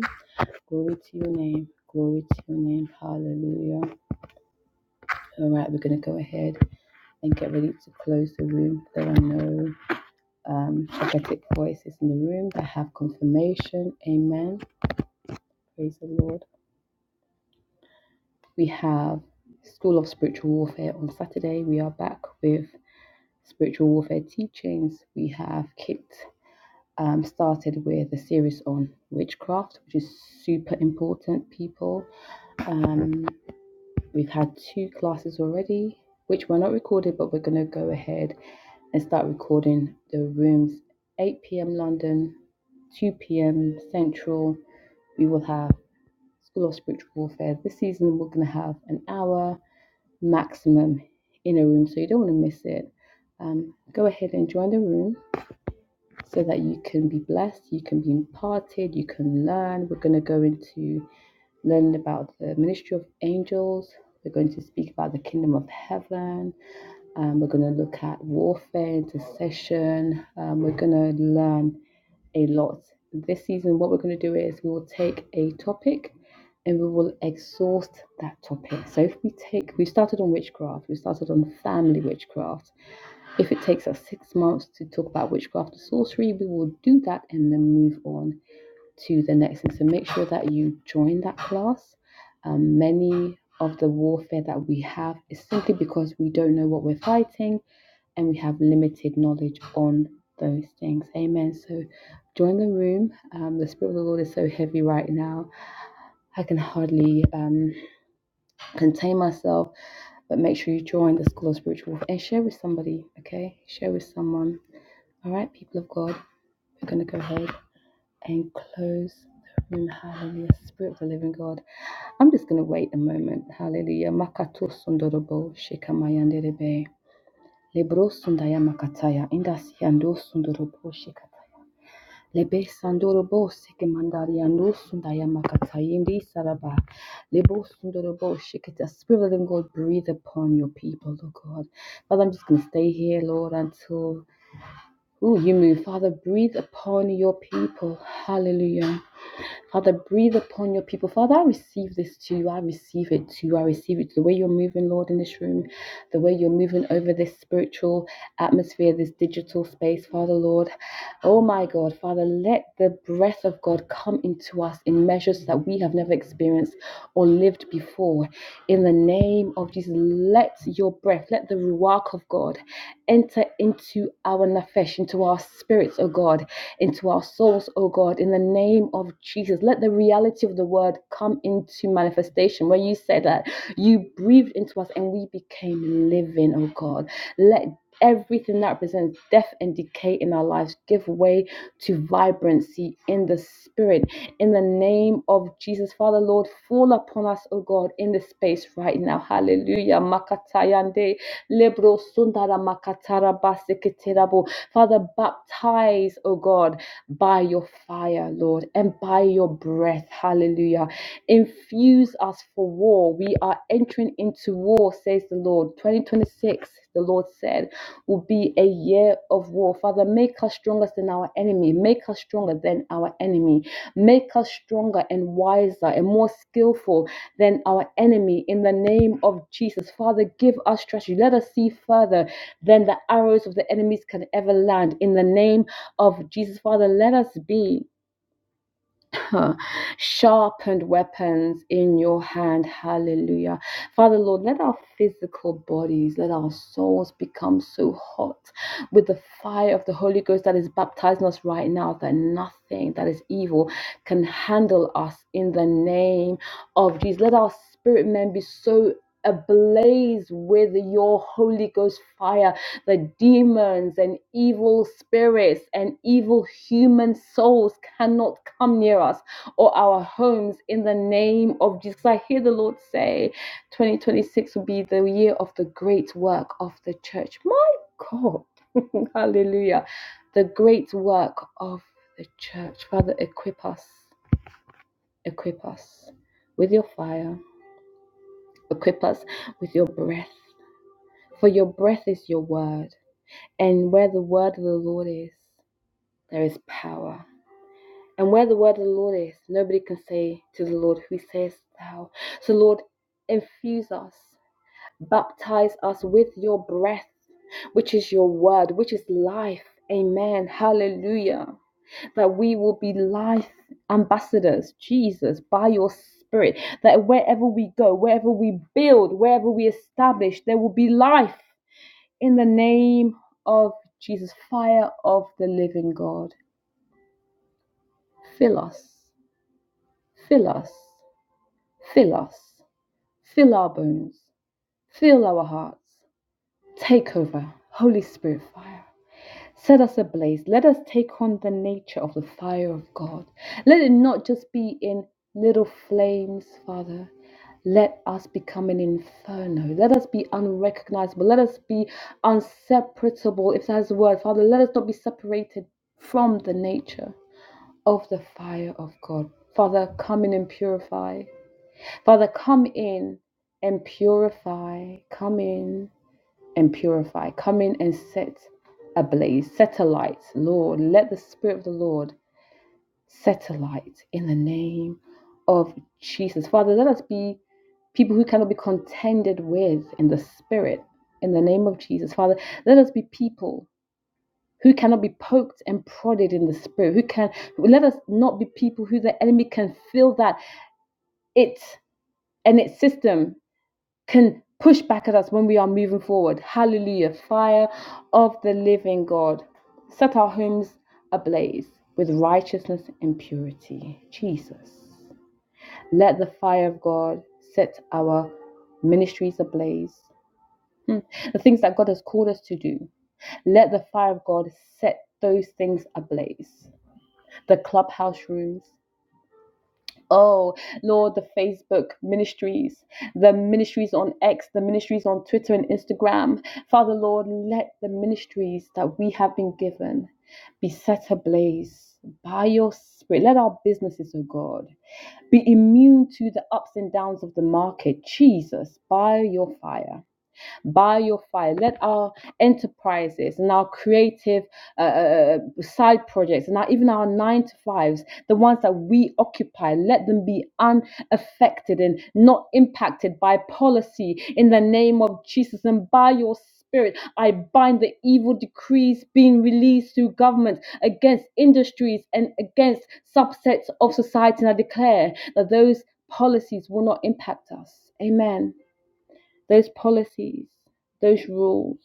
S2: Glory to your name. Glory to your name. Hallelujah. All right, we're going to go ahead and get ready to close the room. There are no um, prophetic voices in the room that have confirmation. Amen. Praise the Lord. We have School of Spiritual Warfare on Saturday. We are back with spiritual warfare teachings. We have Kit um, started with a series on witchcraft, which is super important, people. Um, we've had two classes already, which were not recorded, but we're going to go ahead and start recording the rooms 8 p.m. London, 2 p.m. Central. We will have School of Spiritual Warfare. This season, we're going to have an hour maximum in a room, so you don't want to miss it. Um, go ahead and join the room so that you can be blessed, you can be imparted, you can learn. We're going to go into learning about the ministry of angels. We're going to speak about the kingdom of heaven. Um, we're going to look at warfare, intercession. Um, we're going to learn a lot. This season, what we're going to do is we will take a topic and we will exhaust that topic. So if we take, we started on witchcraft, we started on family witchcraft. If it takes us six months to talk about witchcraft and sorcery, we will do that and then move on to the next thing. So make sure that you join that class. Um, many of the warfare that we have is simply because we don't know what we're fighting and we have limited knowledge on those things. Amen. So join the room. Um, the Spirit of the Lord is so heavy right now. I can hardly um, contain myself, but make sure you join the School of Spiritual Warfare and share with somebody, okay? Share with someone. All right, people of God, we're going to go ahead and close the room. Hallelujah. Spirit of the living God. I'm just going to wait a moment. Hallelujah. Makato sundorobo shikamayanderebe. Lebro sundaya makataya. Indasiando sundorobo shikataya. Lebesandoro bose ke mandaria nusunda yamakatayindi saraba. Lebosundoro boshe ke the spirit of the living God breathe upon your people, Lord God. Father, I'm just gonna stay here, Lord, until ooh, you move. Father, breathe upon your people. Hallelujah. Father, breathe upon your people. Father, I receive this to you. I receive it to you. I receive it to the way you're moving, Lord, in this room, the way you're moving over this spiritual atmosphere, this digital space, Father, Lord. Oh my God, Father, let the breath of God come into us in measures that we have never experienced or lived before. In the name of Jesus, let your breath, let the ruach of God enter into our nafesh, into our spirits, oh God into our souls, oh God, in the name of Jesus. Let the reality of the word come into manifestation where you said that you breathed into us and we became living, oh God. Let everything that represents death and decay in our lives give way to vibrancy in the spirit in the name of jesus father lord fall upon us oh god in this space right now hallelujah Makatayande. Lebro sundara makatara basiketerabo. Father, baptize, oh God, by your fire, Lord, and by your breath. Hallelujah. Infuse us for war. We are entering into war, says the Lord. 2026, the Lord said, will be a year of war. Father, make us stronger than our enemy. Make us stronger than our enemy. Make us stronger and wiser and more skillful than our enemy in the name of Jesus. Father, give us strategy. Let us see further than the arrows of the enemies can ever land in the name of Jesus. Father, let us be. sharpened weapons in your hand. Hallelujah. Father, Lord, let our physical bodies, let our souls become so hot with the fire of the Holy Ghost that is baptizing us right now that nothing that is evil can handle us in the name of Jesus. Let our spirit men be so ablaze with your Holy Ghost fire the demons and evil spirits and evil human souls cannot come near us or our homes in the name of Jesus. So I hear the Lord say 2026 will be the year of the great work of the church. My God, hallelujah. The great work of the church. Father, equip us, equip us with your fire, equip us with your breath, for your breath is your word. And where the word of the Lord is, there is power. And where the word of the Lord is, nobody can say to the Lord, Who sayest thou? So, Lord, infuse us, baptize us with your breath, which is your word, which is life. Amen. Hallelujah. That we will be life ambassadors, Jesus, by your spirit. That wherever we go, wherever we build, wherever we establish, there will be life in the name of Jesus, fire of the living God. Fill us, fill us Fill us, fill our bones, fill our hearts. Take over, Holy Spirit fire. Set us ablaze. Let us take on the nature of the fire of God. Let it not just be in little flames, Father. Let us become an inferno. Let us be unrecognizable. Let us be inseparable. if that's the word, Father. Let us not be separated from the nature of the fire of God. Father, come in and purify. Father, come in and purify. Come in and purify. Come in and set ablaze, set alight, Lord. Let the Spirit of the Lord set alight in the name of Jesus. Father, let us be people who cannot be contended with in the Spirit in the name of Jesus. Father, let us be people. Who cannot be poked and prodded in the spirit? Who can let us not be people who the enemy can feel that it and its system can push back at us when we are moving forward. Hallelujah. Fire of the living God. Set our homes ablaze with righteousness and purity. Jesus. Let the fire of God set our ministries ablaze. Hmm. The things that God has called us to do. Let the fire of God set those things ablaze. The clubhouse rooms, Oh, Lord, the Facebook ministries, the ministries on X, the ministries on Twitter and Instagram. Father, Lord, let the ministries that we have been given be set ablaze by your spirit. Let our businesses, oh God, be immune to the ups and downs of the market, Jesus, by your fire by your fire. Let our enterprises and our creative uh, uh, uh, side projects and our, even our nine to fives, the ones that we occupy, let them be unaffected and not impacted by policy in the name of Jesus and by your spirit. I bind the evil decrees being released through government against industries and against subsets of society. And I declare that those policies will not impact us. Amen those policies, those rules,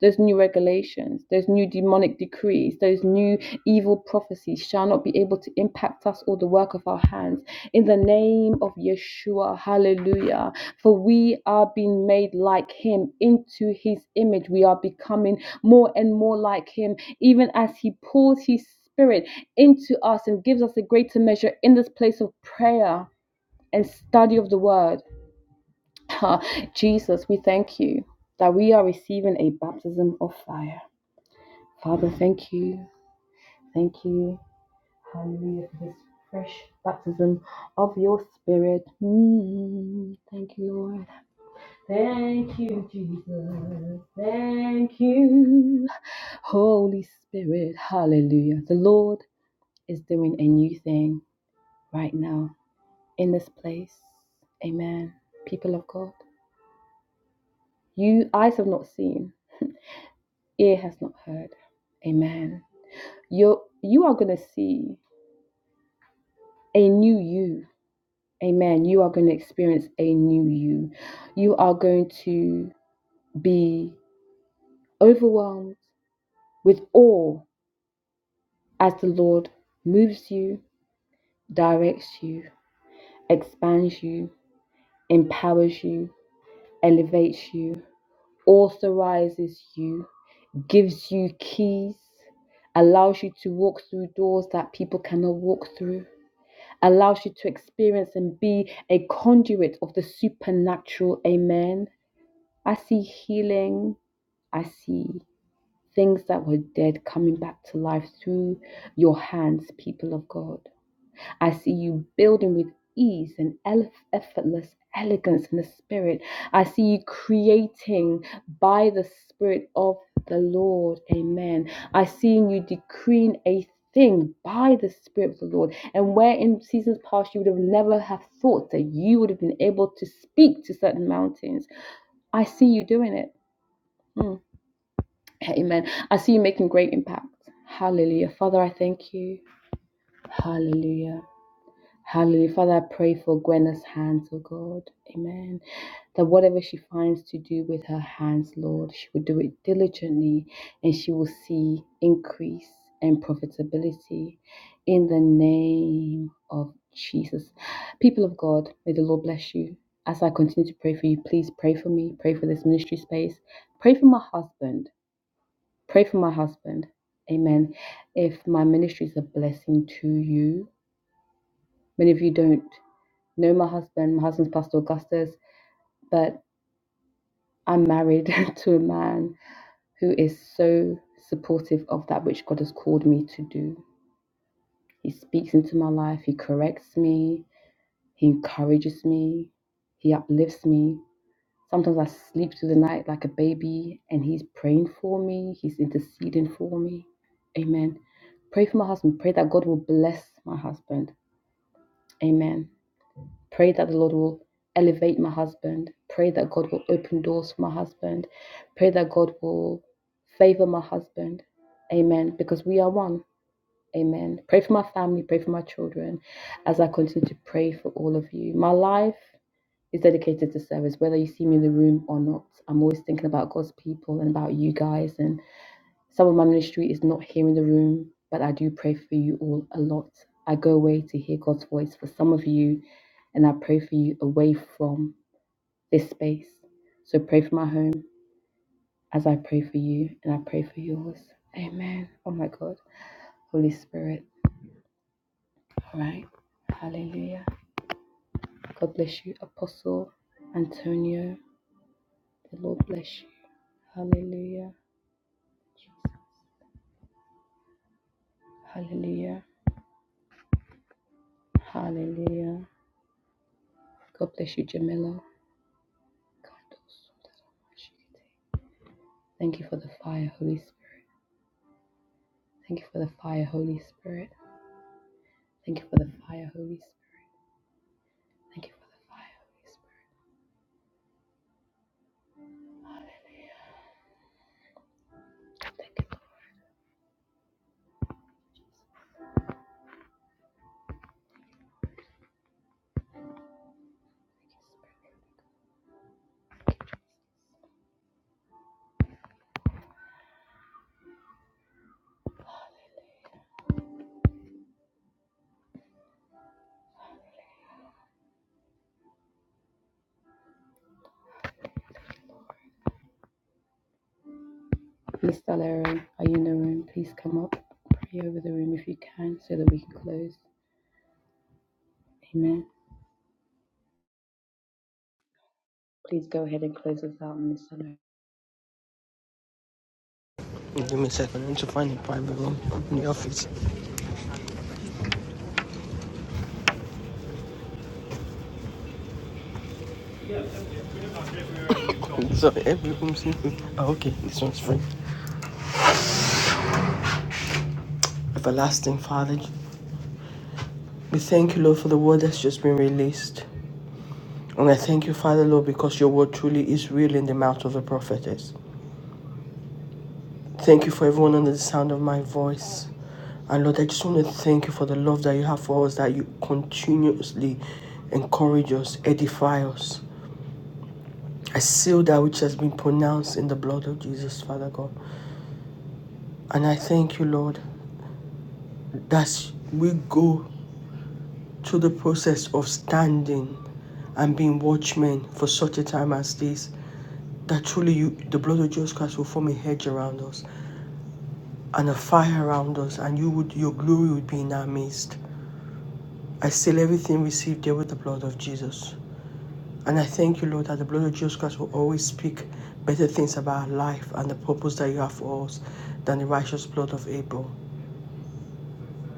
S2: those new regulations, those new demonic decrees, those new evil prophecies shall not be able to impact us or the work of our hands. In the name of Yeshua, hallelujah. For we are being made like him into his image. We are becoming more and more like him, even as he pours his spirit into us and gives us a greater measure in this place of prayer and study of the word. Jesus, we thank you that we are receiving a baptism of fire. Father, thank you. Thank you. Hallelujah for this fresh baptism of your spirit. Mm, thank you, Lord. Thank you, Jesus. Thank you, Holy Spirit. Hallelujah. The Lord is doing a new thing right now in this place. Amen. People of God, you eyes have not seen ear has not heard. Amen. You're, you are going to see a new you. Amen. You are going to experience a new you. You are going to be overwhelmed with awe as the Lord moves you, directs you, expands you, empowers you, elevates you, authorizes you, gives you keys, allows you to walk through doors that people cannot walk through allows you to experience and be a conduit of the supernatural. Amen. I see healing. I see things that were dead coming back to life through your hands, people of God. I see you building with ease and ele- effortless elegance in the spirit. I see you creating by the spirit of the Lord. Amen. I see you decreeing a thing by the spirit of the Lord. And where in seasons past you would have never have thought that you would have been able to speak to certain mountains. I see you doing it. Mm. Amen. I see you making great impact. Hallelujah. Father, I thank you. Hallelujah. Hallelujah. Father, I pray for Gwenna's hands, oh God. Amen. That whatever she finds to do with her hands, Lord, she will do it diligently and she will see increase and profitability in the name of Jesus. People of God, may the Lord bless you. As I continue to pray for you, please pray for me, pray for this ministry space, pray for my husband, pray for my husband. Amen. If my ministry is a blessing to you, many of you don't know my husband. My husband's Pastor Augustus, but I'm married to a man who is so supportive of that which God has called me to do. He speaks into my life, he corrects me, he encourages me, he uplifts me. Sometimes I sleep through the night like a baby and he's praying for me, he's interceding for me. Amen. Pray for my husband. Pray that God will bless my husband. Amen. Pray that the Lord will elevate my husband. Pray that God will open doors for my husband. Pray that God will favor my husband. Amen. Because we are one. Amen. Pray for my family. Pray for my children as I continue to pray for all of you. My life is dedicated to service, whether you see me in the room or not. I'm always thinking about God's people and about you guys. and. Some of my ministry is not here in the room, but I do pray for you all a lot. I go away to hear God's voice for some of you, and I pray for you away from this space. So pray for my home as I pray for you, and I pray for yours. Amen. Oh my God. Holy Spirit. All right. Hallelujah. God bless you, Apostle Antonio. The Lord bless you. Hallelujah. Jesus. Hallelujah. Hallelujah. God bless you, Jamila. Thank you for the fire, Holy Spirit. Thank you for the fire, Holy Spirit. Thank you for the fire, Holy Spirit. Thank you for the fire, Holy Spirit. Hallelujah. Thank you, Lord. Thank you, Spirit. Hallelujah. Miss Valerie, are you in the room? Please come up. Pray over the room if you can so that we can close. Amen. Please go ahead and close us out, Miss Valerie.
S3: Give me a second. I need to find a private room in the office. so every room seems to be... oh, okay. This one's free. Everlasting Father, we thank you, Lord, for the word that's just been released. And I thank you, Father, Lord, because your word truly is real in the mouth of a prophetess. Thank you for everyone under the sound of my voice. And Lord, I just want to thank you for the love that you have for us, that you continuously encourage us, edify us. I seal that which has been pronounced in the blood of Jesus, Father God. And I thank you, Lord. that we go through the process of standing and being watchmen for such a time as this. That truly you, the blood of Jesus Christ will form a hedge around us and a fire around us, and you would, your glory would be in our midst. I seal everything received there with the blood of Jesus. And I thank you, Lord, that the blood of Jesus Christ will always speak better things about our life and the purpose that you have for us than the righteous blood of Abel.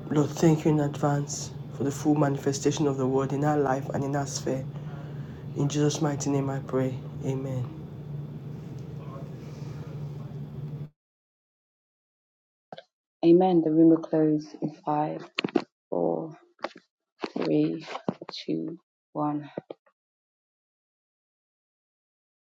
S3: Lord, thank you in advance for the full manifestation of the word in our life and in our sphere. In Jesus' mighty name I pray. Amen.
S2: Amen. The room will close in five, four, three, two, one.